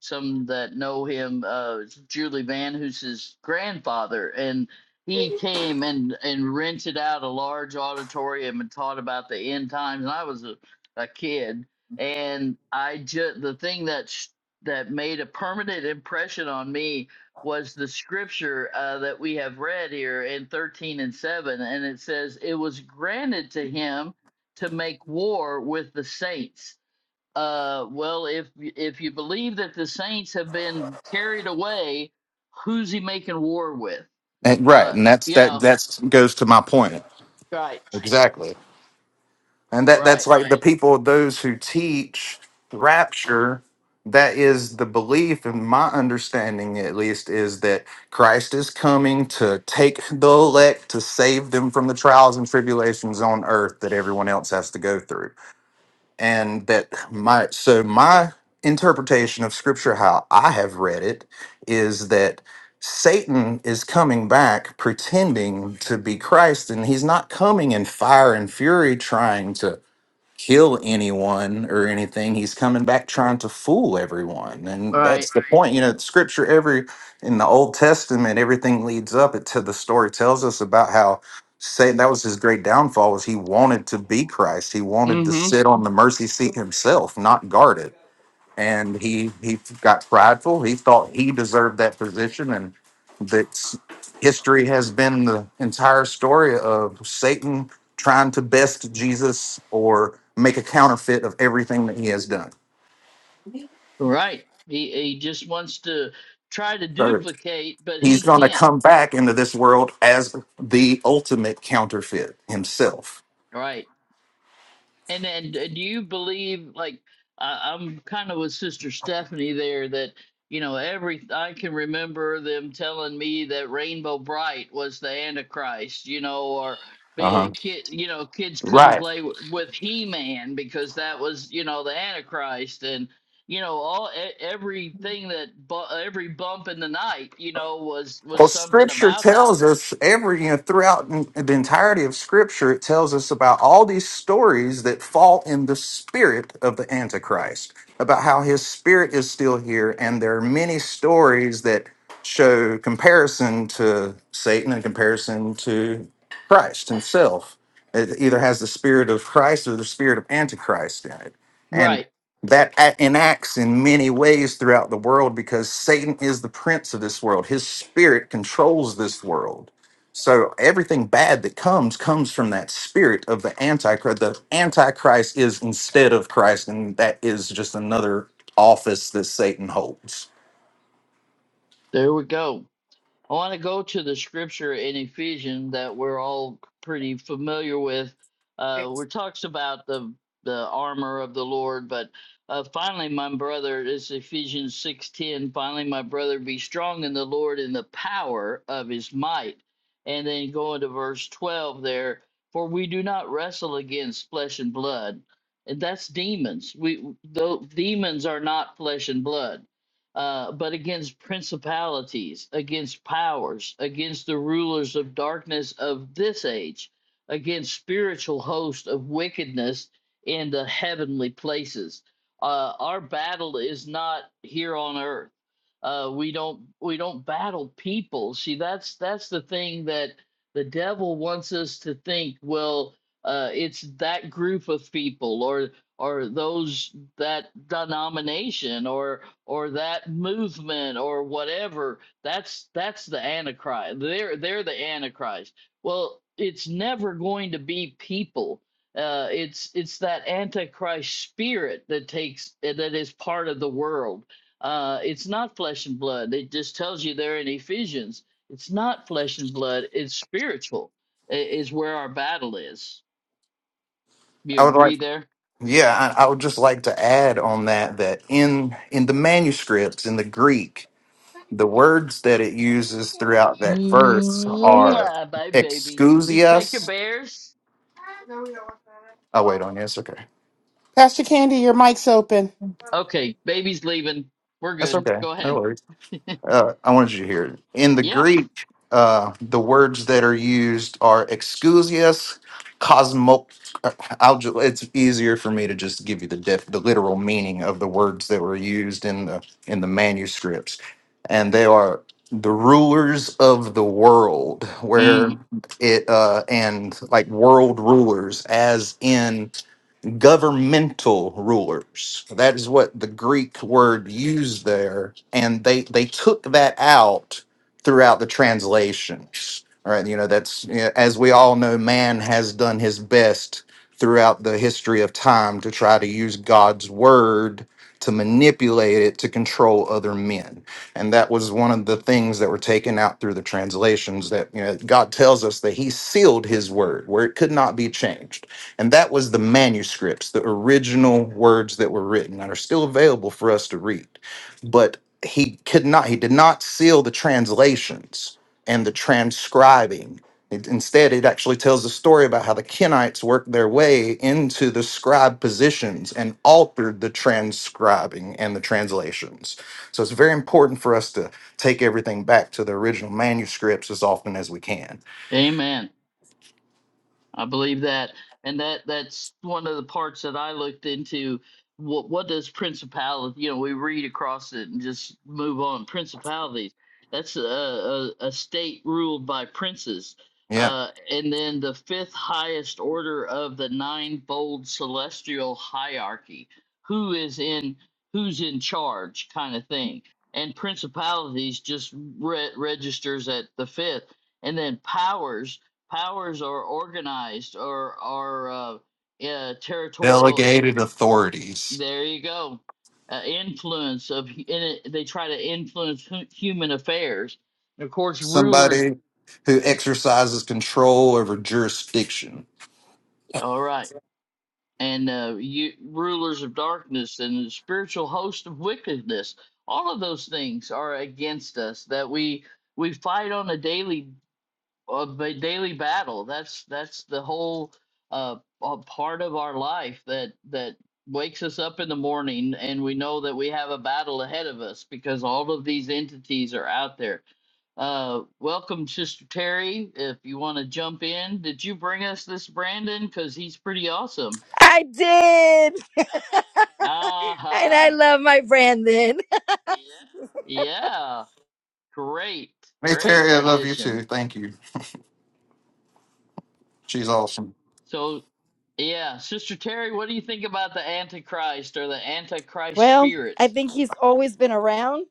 some that know him, uh, Julie Van, who's his grandfather, and he came and and rented out a large auditorium and taught about the end times. And I was a, a kid, and I just the thing that sh- that made a permanent impression on me was the scripture uh, that we have read here in 13 and 7 and it says it was granted to him to make war with the saints uh, well, if if you believe that the saints have been carried away, who's he making war with? And, right, Uh, and that's you that know, that's goes to my point right, exactly. And that that's right, like the people, those who teach rapture, that is the belief, and my understanding at least, is that Christ is coming to take the elect to save them from the trials and tribulations on earth that everyone else has to go through. And that my so my interpretation of scripture, how I have read it, is that Satan is coming back pretending to be Christ, and he's not coming in fire and fury trying to kill anyone or anything. He's coming back trying to fool everyone. And right. that's the point. You know, scripture every in the Old Testament, everything leads up to the story tells us about how Satan that was his great downfall was he wanted to be Christ. He wanted to Mm-hmm. sit on the mercy seat himself, not guard it and he he got prideful. He thought he deserved that position, and that history has been the entire story of Satan trying to best Jesus or make a counterfeit of everything that he has done. Right. He he just wants to try to So duplicate, but he's he going to can't. come back into this world as the ultimate counterfeit himself. Right. And then, d- do you believe, like, I, I'm kind of with Sister Stephanie there, that, you know, every, I can remember them telling me that Rainbow Bright was the Antichrist, you know, or be Uh-huh. a kid, you know, kids couldn't Right. play w- with He Man because that was, you know, the Antichrist. And, you know, all e- everything that bu- every bump in the night, you know, was was Well, something Scripture about that. tells us every you know throughout n- the entirety of Scripture, it tells us about all these stories that fall in the spirit of the Antichrist, about how his spirit is still here, and there are many stories that show comparison to Satan and comparison to Christ himself. It either has the spirit of Christ or the spirit of Antichrist in it, and Right. that a- enacts in many ways throughout the world because Satan is the prince of this world. His spirit controls this world. So everything bad that comes comes from that spirit of the antichrist. The antichrist is instead of Christ, and that is just another office that Satan holds. There we go. I want to go to the scripture in Ephesians that we're all pretty familiar with. Uh, I where it talks about the the armor of the Lord, but uh, finally, my brother, it's Ephesians six ten. Finally, my brother, be strong in the Lord in the power of His might. And then going to verse twelve there, for we do not wrestle against flesh and blood, and that's demons. We though demons are not flesh and blood uh, but against principalities, against powers, against the rulers of darkness of this age, against spiritual hosts of wickedness in the heavenly places. Uh, our battle is not here on earth. Uh, we don't we don't battle people. See, that's that's the thing that the devil wants us to think. Well, uh, it's that group of people, or or those that denomination, or or that movement or whatever that's that's the antichrist they're they're the antichrist well it's never going to be people uh it's it's that antichrist spirit that takes eh, that is part of the world uh it's not flesh and blood it just tells you there in ephesians it's not flesh and blood it's spiritual i- is where our battle is you would like, agree there yeah, I, I would just like to add on that that in in the manuscripts in the Greek the words that it uses throughout that verse are Mwah, bye baby you take your excusias. bears Oh, wait on you. It's okay. Pastor Candy, your mic's open. Okay, baby's leaving. We're That's good. okay. Go No ahead. worries. uh, I wanted you to hear it. In the Yeah. Greek, uh, the words that are used are exousias, cosmo. uh, I'll ju- it's easier for me to just give you the def- the literal meaning of the words that were used in the in the manuscripts, and they are the rulers of the world, where Mm. it uh, and like world rulers, as in governmental rulers. That is what the Greek word used there, and they they took that out throughout the translations. All right, you know that's you know, as we all know, man has done his best throughout the history of time to try to use God's word to manipulate it to control other men. And that was one of the things that were taken out through the translations that you know God tells us that he sealed his word where it could not be changed and that was the manuscripts, the original words that were written and are still available for us to read. But he could not, he did not seal the translations and the transcribing. It- instead, it actually tells a story about how the Kenites worked their way into the scribe positions and altered the transcribing and the translations. So it's very important for us to take everything back to the original manuscripts as often as we can. Amen. I believe that, and that that's one of the parts that I looked into. What what does principality? You know, we read across it and just move on. Principalities. That's a a, a state ruled by princes. Yeah. Uh, and then the fifth highest order of the ninefold celestial hierarchy. Who is in who's in charge, kind of thing. And principalities just re- registers at the fifth, and then powers powers are organized or are uh, uh, territorial. Delegated authorities. There you go. Uh, influence of hu- in it, they try to influence hu- human affairs. of course, rulers. somebody who exercises control over jurisdiction. All right, and uh, you, rulers of darkness and the spiritual host of wickedness. All of those things are against us that we we fight on a daily uh, ba- daily battle. That's that's the whole uh, uh, part of our life that that wakes us up in the morning, and we know that we have a battle ahead of us because all of these entities are out there. Uh, welcome, Sister Terry. If you want to jump in, did you bring us this Brandon? Because he's pretty awesome. I did. and I Ah, love my Brandon. yeah, great, Hey, great Terry, I love you addition. too. Thank you. She's awesome. So Yeah, Sister Terry, what do you think about the Antichrist or the Antichrist Well, spirit? I think he's always been around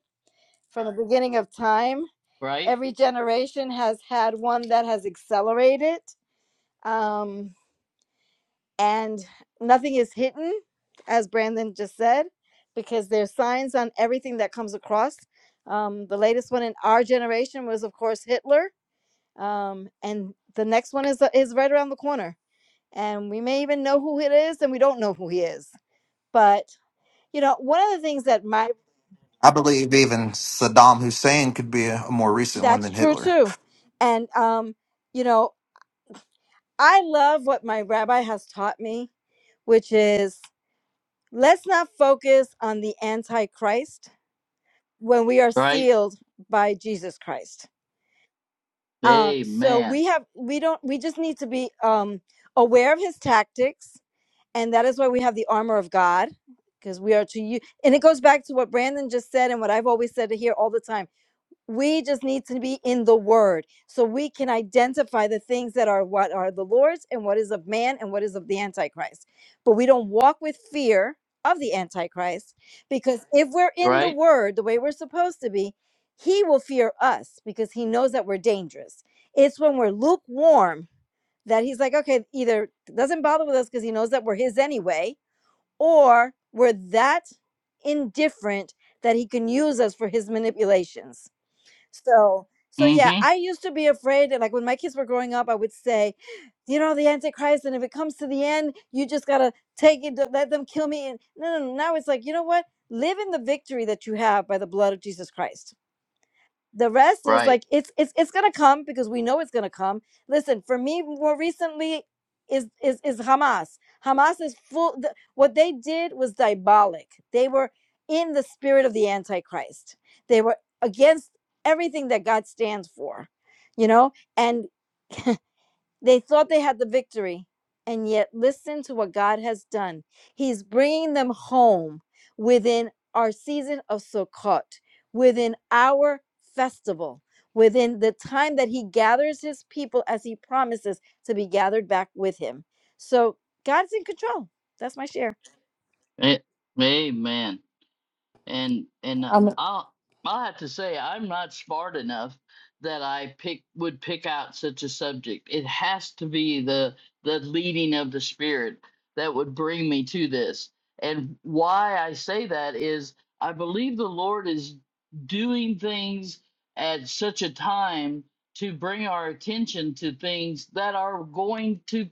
from the beginning of time. Right? Every generation has had one that has accelerated. Um, and nothing is hidden, as Brandon just said, because there's signs on everything that comes across. Um, the latest one in our generation was, of course, Hitler. Um, and the next one is, is right around the corner. and we may even know who it is and we don't know who he is but you know one of the things that my I believe even Saddam Hussein could be a, a more recent one that's than true Hitler. too and um you know i love what my rabbi has taught me which is let's not focus on the antichrist when we are Right? sealed by jesus christ um so Amen. we have we don't we just need to be um aware of his tactics and that is why we have the armor of God because we are to use. and it goes back to what Brandon just said and what I've always said here all the time. We just need to be in the word so we can identify the things that are what are the Lord's and what is of man and what is of the antichrist. But we don't walk with fear of the antichrist because if we're in the Right? word the way we're supposed to be, he will fear us because he knows that we're dangerous. It's when we're lukewarm that he's like, okay, either doesn't bother with us because he knows that we're his anyway, or we're that indifferent that he can use us for his manipulations. So, so yeah, Mm-hmm. I used to be afraid that, like, when my kids were growing up, I would say, you know, the Antichrist, and if it comes to the end, you just gotta take it, don't let them kill me. And no, no, no. Now it's like, you know what? Live in the victory that you have by the blood of Jesus Christ the rest is Right. like it's it's it's gonna come because we know it's gonna come. Listen, for me, more recently is is is Hamas. Hamas is full. The, what they did was diabolic. They were in the spirit of the Antichrist. They were against everything that God stands for, you know. And they thought they had the victory, and yet listen to what God has done. He's bringing them home within our season of Sukkot, within our festival, within the time that He gathers His people as He promises to be gathered back with Him. So God's in control. That's my share. A- Amen. and and uh, Um, I'll I'll have to say I'm not smart enough that I pick would pick out such a subject. It has to be the the leading of the spirit that would bring me to this. And why I say that is I believe the Lord is doing things at such a time to bring our attention to things that are going to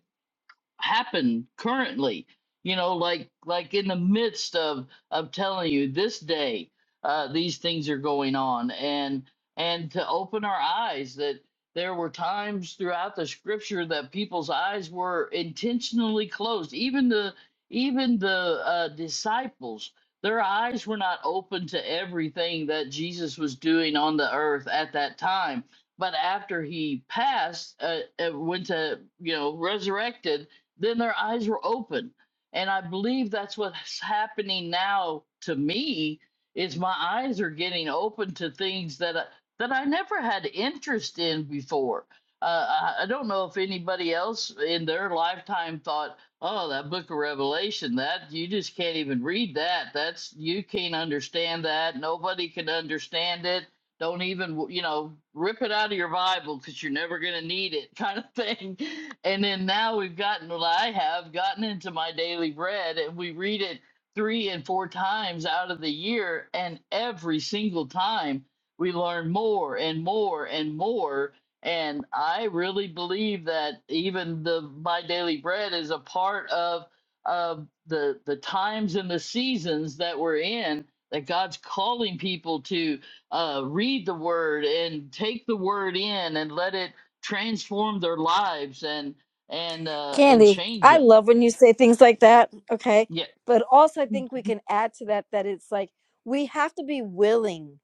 happen currently you know like like in the midst of of telling you this day uh these things are going on and and to open our eyes that there were times throughout the scripture that people's eyes were intentionally closed even the even the uh disciples their eyes were not open to everything that Jesus was doing on the earth at that time but after he passed uh, uh, went to you know resurrected then their eyes were open and i believe that's what's happening now to me is my eyes are getting open to things that I, that i never had interest in before uh, I, I don't know if anybody else in their lifetime thought oh that book of revelation that you just can't even read that that's you can't understand that nobody can understand it don't even you know rip it out of your bible because you're never going to need it kind of thing and then now we've gotten well i have gotten into my daily bread and we read it three and four times out of the year and every single time we learn more and more and more and i really believe that even the my daily bread is a part of of the the times and the seasons that we're in that god's calling people to uh, read the word and take the word in and let it transform their lives and and uh, and Candy, change I them. love when you say things like that. Okay. Yeah, But also, I think we can add to that that it's like we have to be willing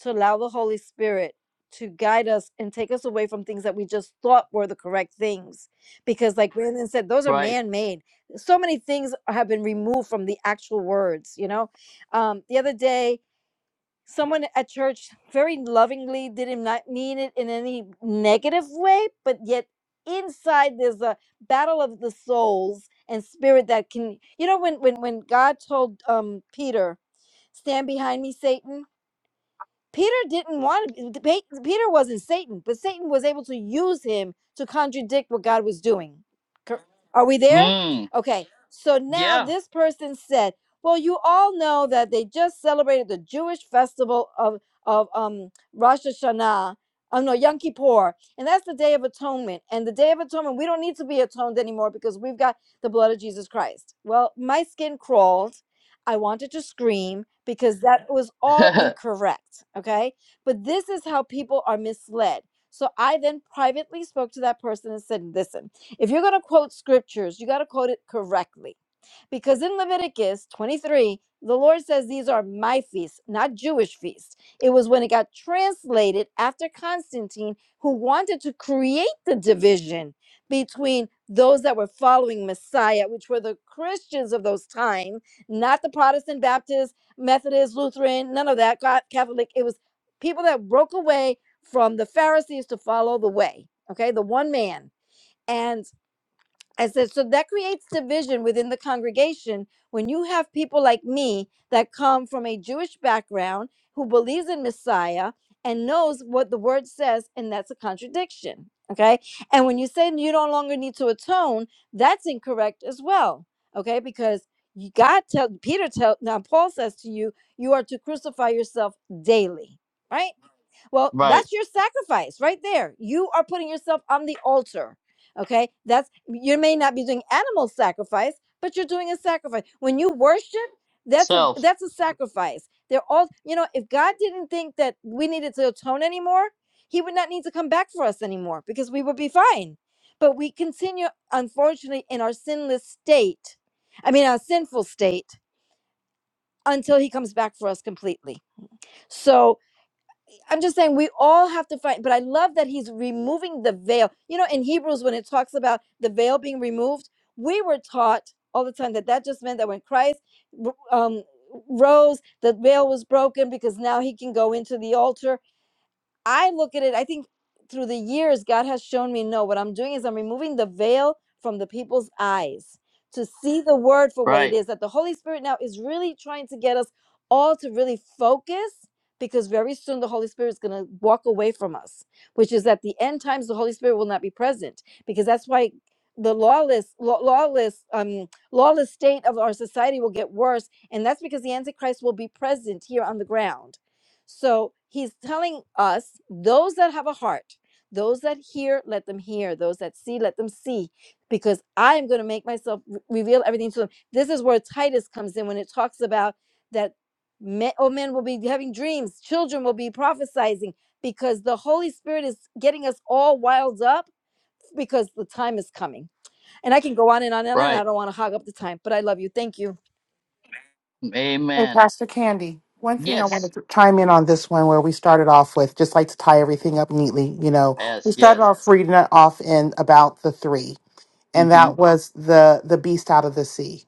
to allow the Holy Spirit to guide us and take us away from things that we just thought were the correct things. Because, like Brandon said, those are right. man made. So many things have been removed from the actual words, you know? Um, the other day, someone at church very lovingly did him not mean it in any negative way, but yet inside there's a battle of the souls and spirit that can you know when when when god told um peter stand behind me satan Peter didn't want to. Peter wasn't Satan, but Satan was able to use him to contradict what God was doing. Cor- Are we there? Mm, Okay. So now yeah, this person said, "Well, you all know that they just celebrated the Jewish festival of of um Rosh Hashanah." Oh no, Yom Kippur, and that's the Day of Atonement. And the Day of Atonement, we don't need to be atoned anymore because we've got the blood of Jesus Christ. Well, my skin crawled I wanted to scream because that was all incorrect. Okay. But this is how people are misled. So I then privately spoke to that person and said, listen, if you're going to quote scriptures, you got to quote it correctly because in Leviticus 23, the Lord says these are my feasts, not Jewish feasts. It was when it got translated after Constantine, who wanted to create the division between those that were following Messiah, which were the Christians of those time, not the Protestant, Baptist, Methodist, Lutheran, none of that, Ca- Catholic. It was people that broke away from the Pharisees to follow the way, okay, the one man. And I said, so that creates division within the congregation when you have people like me that come from a Jewish background who believes in Messiah and knows what the word says, and that's a contradiction. Okay. And when you say you no longer need to atone, that's incorrect as well. Okay. Because you- God tell Peter tell now Paul says to you, you are to crucify yourself daily. Right? Well, right. that's your sacrifice right there. You are putting yourself on the altar. Okay? That's you may not be doing animal sacrifice, but you're doing a sacrifice. When you worship, that's a Self. that's a sacrifice. They're all, you know, if God didn't think that we needed to atone anymore, he would not need to come back for us anymore because we would be fine. But we continue unfortunately in our sinless state. I mean, our sinful state until he comes back for us completely. So, I'm just saying we all have to fight, but I love that he's removing the veil. You know, in Hebrews, when it talks about the veil being removed, we were taught all the time that that just meant that when Christ um, rose, the veil was broken because now he can go into the altar. I look at it, I think through the years, God has shown me no, what I'm doing is I'm removing the veil from the people's eyes to see the word for what it Right. is. That the Holy Spirit now is really trying to get us all to really focus because very soon the Holy Spirit is going to walk away from us, which is at the end times, the Holy Spirit will not be present because that's why the lawless law- lawless um lawless state of our society will get worse and that's because the antichrist will be present here on the ground so he's telling us those that have a heart, those that hear, let them hear, those that see, let them see, because I am going to make myself re- reveal everything to them. This is where Titus comes in when it talks about that men, oh, men will be having dreams, children will be prophesizing, because the Holy Spirit is getting us all wild up because the time is coming. And I can go on and on and on. Right. I don't want to hog up the time, but I love you. Thank you. hey, Amen. Pastor Candy, one thing I Yes. wanted to chime in on this one where we started off with, just like to tie everything up neatly, you know, we Yes. started Yes. off reading it off in about the three, and Mm-hmm. that was the the beast out of the sea,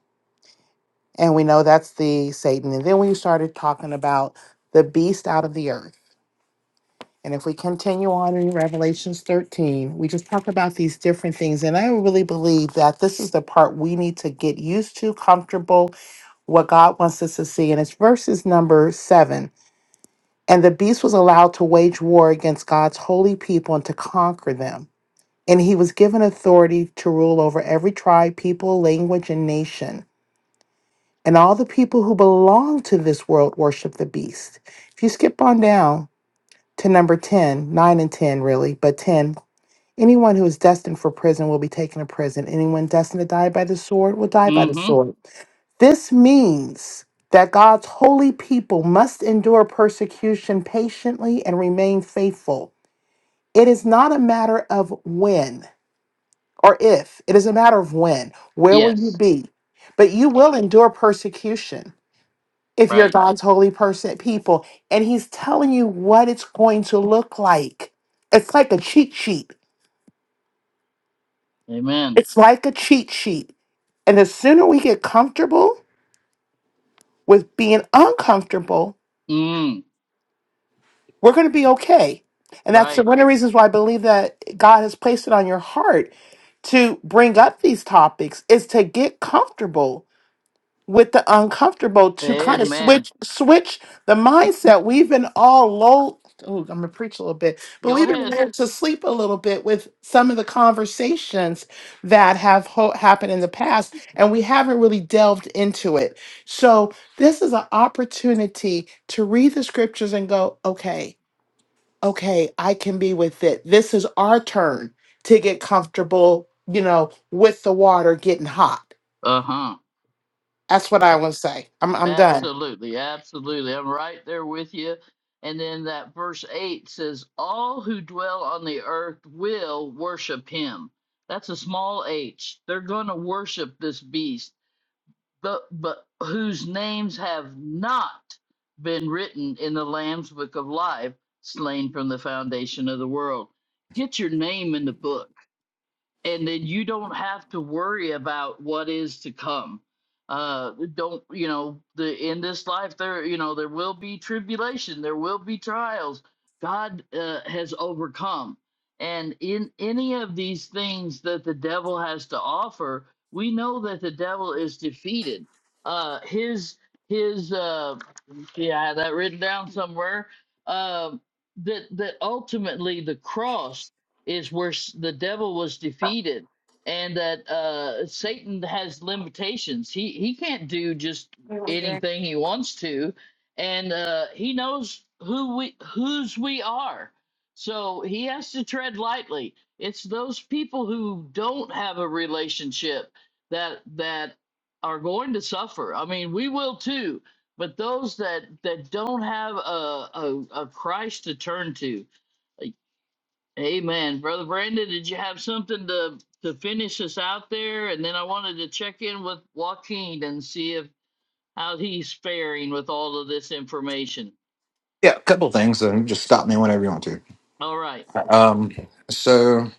and we know that's the Satan, and then we started talking about the beast out of the earth. And if we continue on in Revelations 13, we just talk about these different things. And I really believe that this is the part we need to get used to, comfortable, what God wants us to see. And it's verses number seven. And the beast was allowed to wage war against God's holy people and to conquer them. And he was given authority to rule over every tribe, people, language, and nation. And all the people who belong to this world worship the beast. If you skip on down to number 10, 9 and 10, really, but 10, anyone who is destined for prison will be taken to prison. Anyone destined to die by the sword will die by the Mm-hmm. sword. This means that God's holy people must endure persecution patiently and remain faithful. It is not a matter of when or if, it is a matter of when. Where will you Yes. be? But you will endure persecution if you're Right. God's holy person people. And He's telling you what it's going to look like. It's like a cheat sheet. Amen. It's like a cheat sheet. And the sooner we get comfortable with being uncomfortable, Mm, we're going to be okay. And that's the- right. one of the reasons why I believe that God has placed it on your heart to bring up these topics is to get comfortable with the uncomfortable to kind of Amen. switch switch the mindset we've been all lulled oh i'm gonna preach a little bit but Go we've been ahead. lulled to sleep a little bit with some of the conversations that have ho- happened in the past and we haven't really delved into it so this is an opportunity to read the scriptures and go okay okay, I can be with it. This is our turn to get comfortable, you know, with the water getting hot. Uh-huh. That's what I would say. I'm I'm done. Absolutely, absolutely. I'm right there with you. And then that verse 8 says, All who dwell on the earth will worship him. That's a small h. They're going to worship this beast, but, but whose names have not been written in the Lamb's book of life, slain from the foundation of the world. Get your name in the book and then you don't have to worry about what is to come uh don't you know the in this life there you know there will be tribulation there will be trials god uh, has overcome and in any of these things that the devil has to offer we know that the devil is defeated uh his his uh yeah i had that written down somewhere um that that ultimately the cross is where s- the devil was defeated and that uh, Satan has limitations. He he can't do just Yeah, anything he wants to, and uh, he knows who we whose we are. So he has to tread lightly. It's those people who don't have a relationship that that are going to suffer. I mean, we will too. But those that that don't have a a, a Christ to turn to, like, Amen. Brother Brandon, did you have something to, to finish us out there? And then I wanted to check in with Joaquin and see if how he's faring with all of this information. a couple things, and just stop me whenever you want to. All right. Um, so,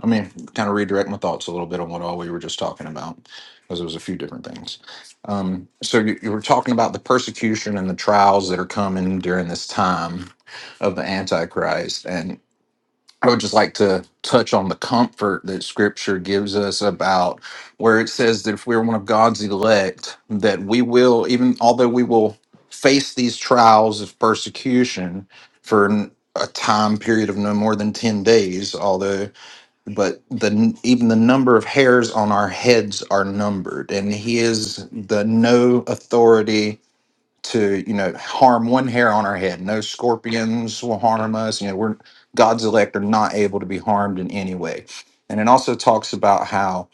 I mean, kind of redirect my thoughts a little bit on what all we were just talking about, because it was a few different things. Um, so, you, you were talking about the persecution and the trials that are coming during this time of the Antichrist, I would just like to touch on the comfort that scripture gives us about where it says that if we're one of God's elect, that we will, even although we will face these trials of persecution for n- a time period of no more than 10 days, although, but the even the number of hairs on our heads are numbered, and He is the no authority to you know harm one hair on our head no scorpions will harm us you know we're god's elect are not able to be harmed in any way and it also talks about how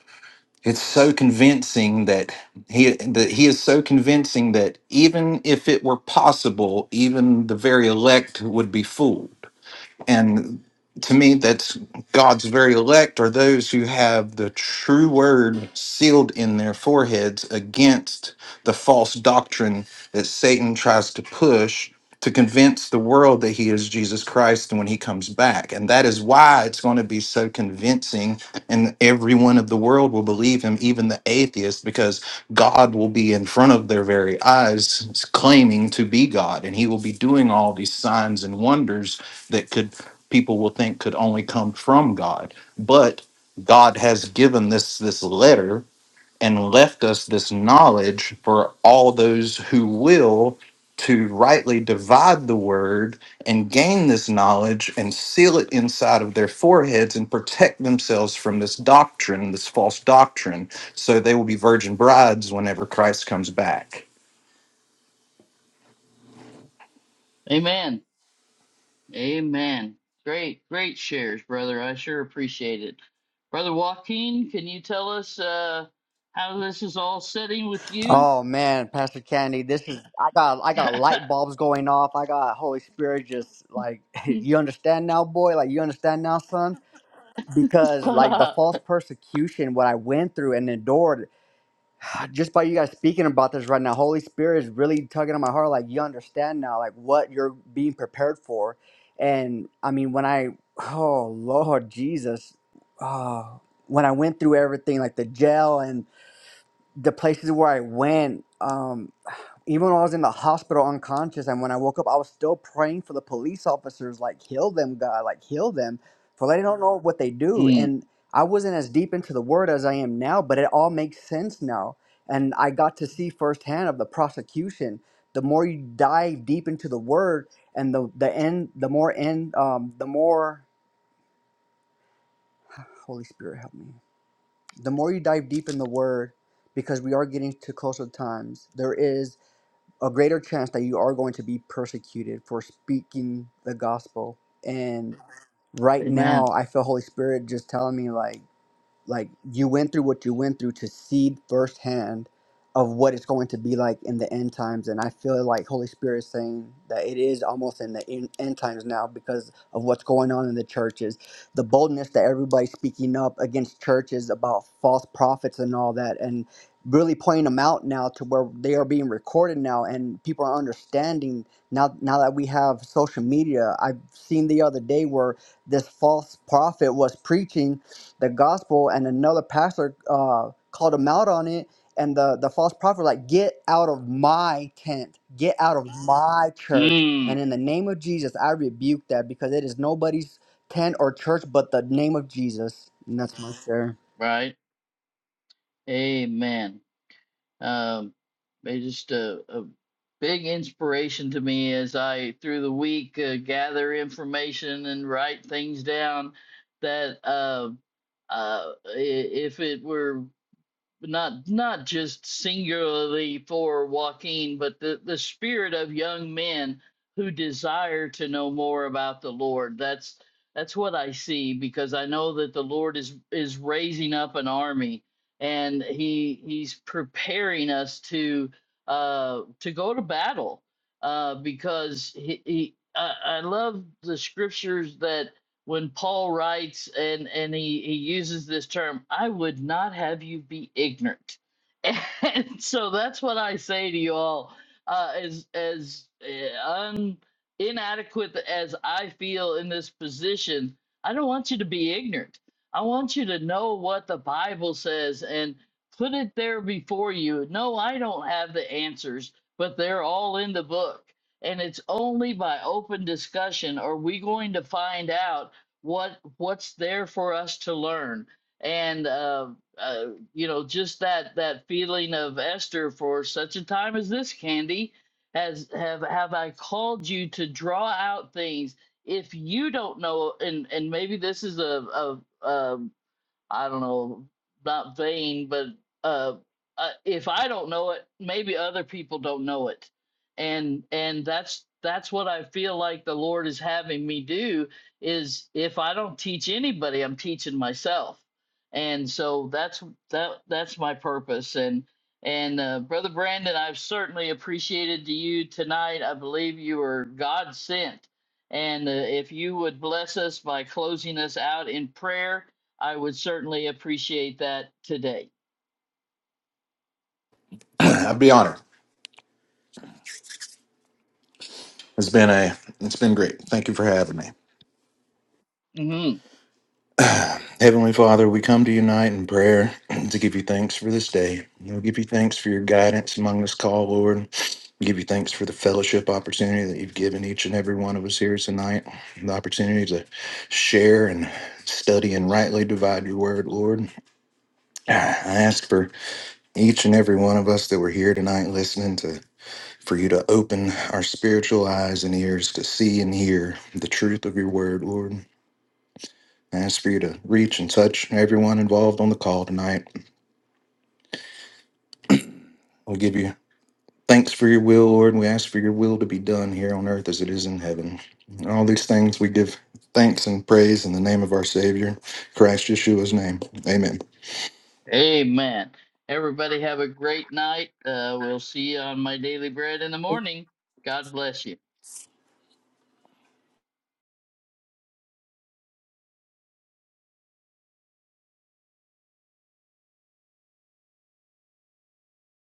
it's so convincing that he that he is so convincing that even if it were possible even the very elect would be fooled and to me, that's God's very elect are those who have the true word sealed in their foreheads against the false doctrine that Satan tries to push to convince the world that he is Jesus Christ when he comes back. And that is why it's going to be so convincing, and everyone of the world will believe him, even the atheist, because God will be in front of their very eyes claiming to be God, and he will be doing all these signs and wonders that could people will think could only come from God. But God has given this this letter and left us this knowledge for all those who will to rightly divide the word and gain this knowledge and seal it inside of their foreheads and protect themselves from this doctrine, this false doctrine, so they will be virgin brides whenever Christ comes back. Amen. Amen. Great, great shares, brother. I sure appreciate it. Brother Joaquin, can you tell us uh, how this is all setting with you? Oh man, Pastor Candy, this is I got I got light bulbs going off. I got Holy Spirit just like you understand now, boy. Like you understand now, son, because like the false persecution what I went through and endured. Just by you guys speaking about this right now, Holy Spirit is really tugging on my heart. Like you understand now, like what you're being prepared for. And I mean, when I oh Lord Jesus, oh, when I went through everything, like the jail and the places where I went. Um, even when I was in the hospital unconscious, and when I woke up, I was still praying for the police officers, like heal them, God, like heal them, for they don't know what they do. mm, And I wasn't as deep into the word as I am now, but it all makes sense now. And I got to see firsthand of the prosecution. The more you dive deep into the word, and the the end, the more end, um, the more Holy Spirit help me. The more you dive deep in the word, because we are getting to closer times. There is a greater chance that you are going to be persecuted for speaking the gospel. And right now, amen. I feel Holy Spirit just telling me like like you went through what you went through to see firsthand of what it's going to be like in the end times and i feel like holy spirit is saying that it is almost in the in, end times now because of what's going on in the churches the boldness that everybody's speaking up against churches about false prophets and all that and really pointing them out now to where they are being recorded now and people are understanding now now that we have social media i've seen the other day where this false prophet was preaching the gospel, and another pastor uh, called him out on it. And the, the false prophet was like, get out of my tent, get out of my church. And Mm, in the name of Jesus, I rebuke that because it is nobody's tent or church but the name of Jesus. And that's my share. right. Amen. Um, they just a, a big inspiration to me as I through the week uh, gather information and write things down that uh, uh, i- if it were not not just singularly for Joaquin, but the, the spirit of young men who desire to know more about the Lord. That's that's what I see because I know that the Lord is is raising up an army and he he's preparing us to uh to go to battle uh because he, he I, I love the scriptures that when Paul writes and and he he uses this term, I would not have you be ignorant. And so that's what I say to you all. Uh, as as uh, un, inadequate as I feel in this position, I don't want you to be ignorant. I want you to know what the Bible says and put it there before you. No, I don't have the answers, but they're all in the book. And it's only by open discussion are we going to find out what what's there for us to learn and uh, uh, you know just that that feeling of esther for such a time as this candy has have have i called you to draw out things if you don't know and and maybe this is a, a, a I don't know, not vain, but uh, uh, if I don't know it, maybe other people don't know it, and and that's that's what I feel like the Lord is having me do is if I don't teach anybody, I'm teaching myself, and so that's that that's my purpose and. And uh, brother Brandon, I've certainly appreciated you tonight. I believe you were God sent, and uh, if you would bless us by closing us out in prayer, I would certainly appreciate that today. I'd be honored. It's been a it's been great. Thank you for having me. hmm Heavenly Father, we come to you tonight in prayer to give you thanks for this day. We give you thanks for your guidance among this call, Lord. We give you thanks for the fellowship opportunity that you've given each and every one of us here tonight, the opportunity to share and study and rightly divide your word, Lord. I ask for each and every one of us that were here tonight listening to for you to open our spiritual eyes and ears to see and hear the truth of your word, Lord. I ask for you to reach and touch everyone involved on the call tonight. We give you thanks for your will, Lord. We ask for your will to be done here on earth as it is in heaven. And all these things we give thanks and praise in the name of our Savior, Christ Yeshua's name. Amen. Amen. Everybody have a great night. Uh, we'll see you on my daily bread in the morning. God bless you.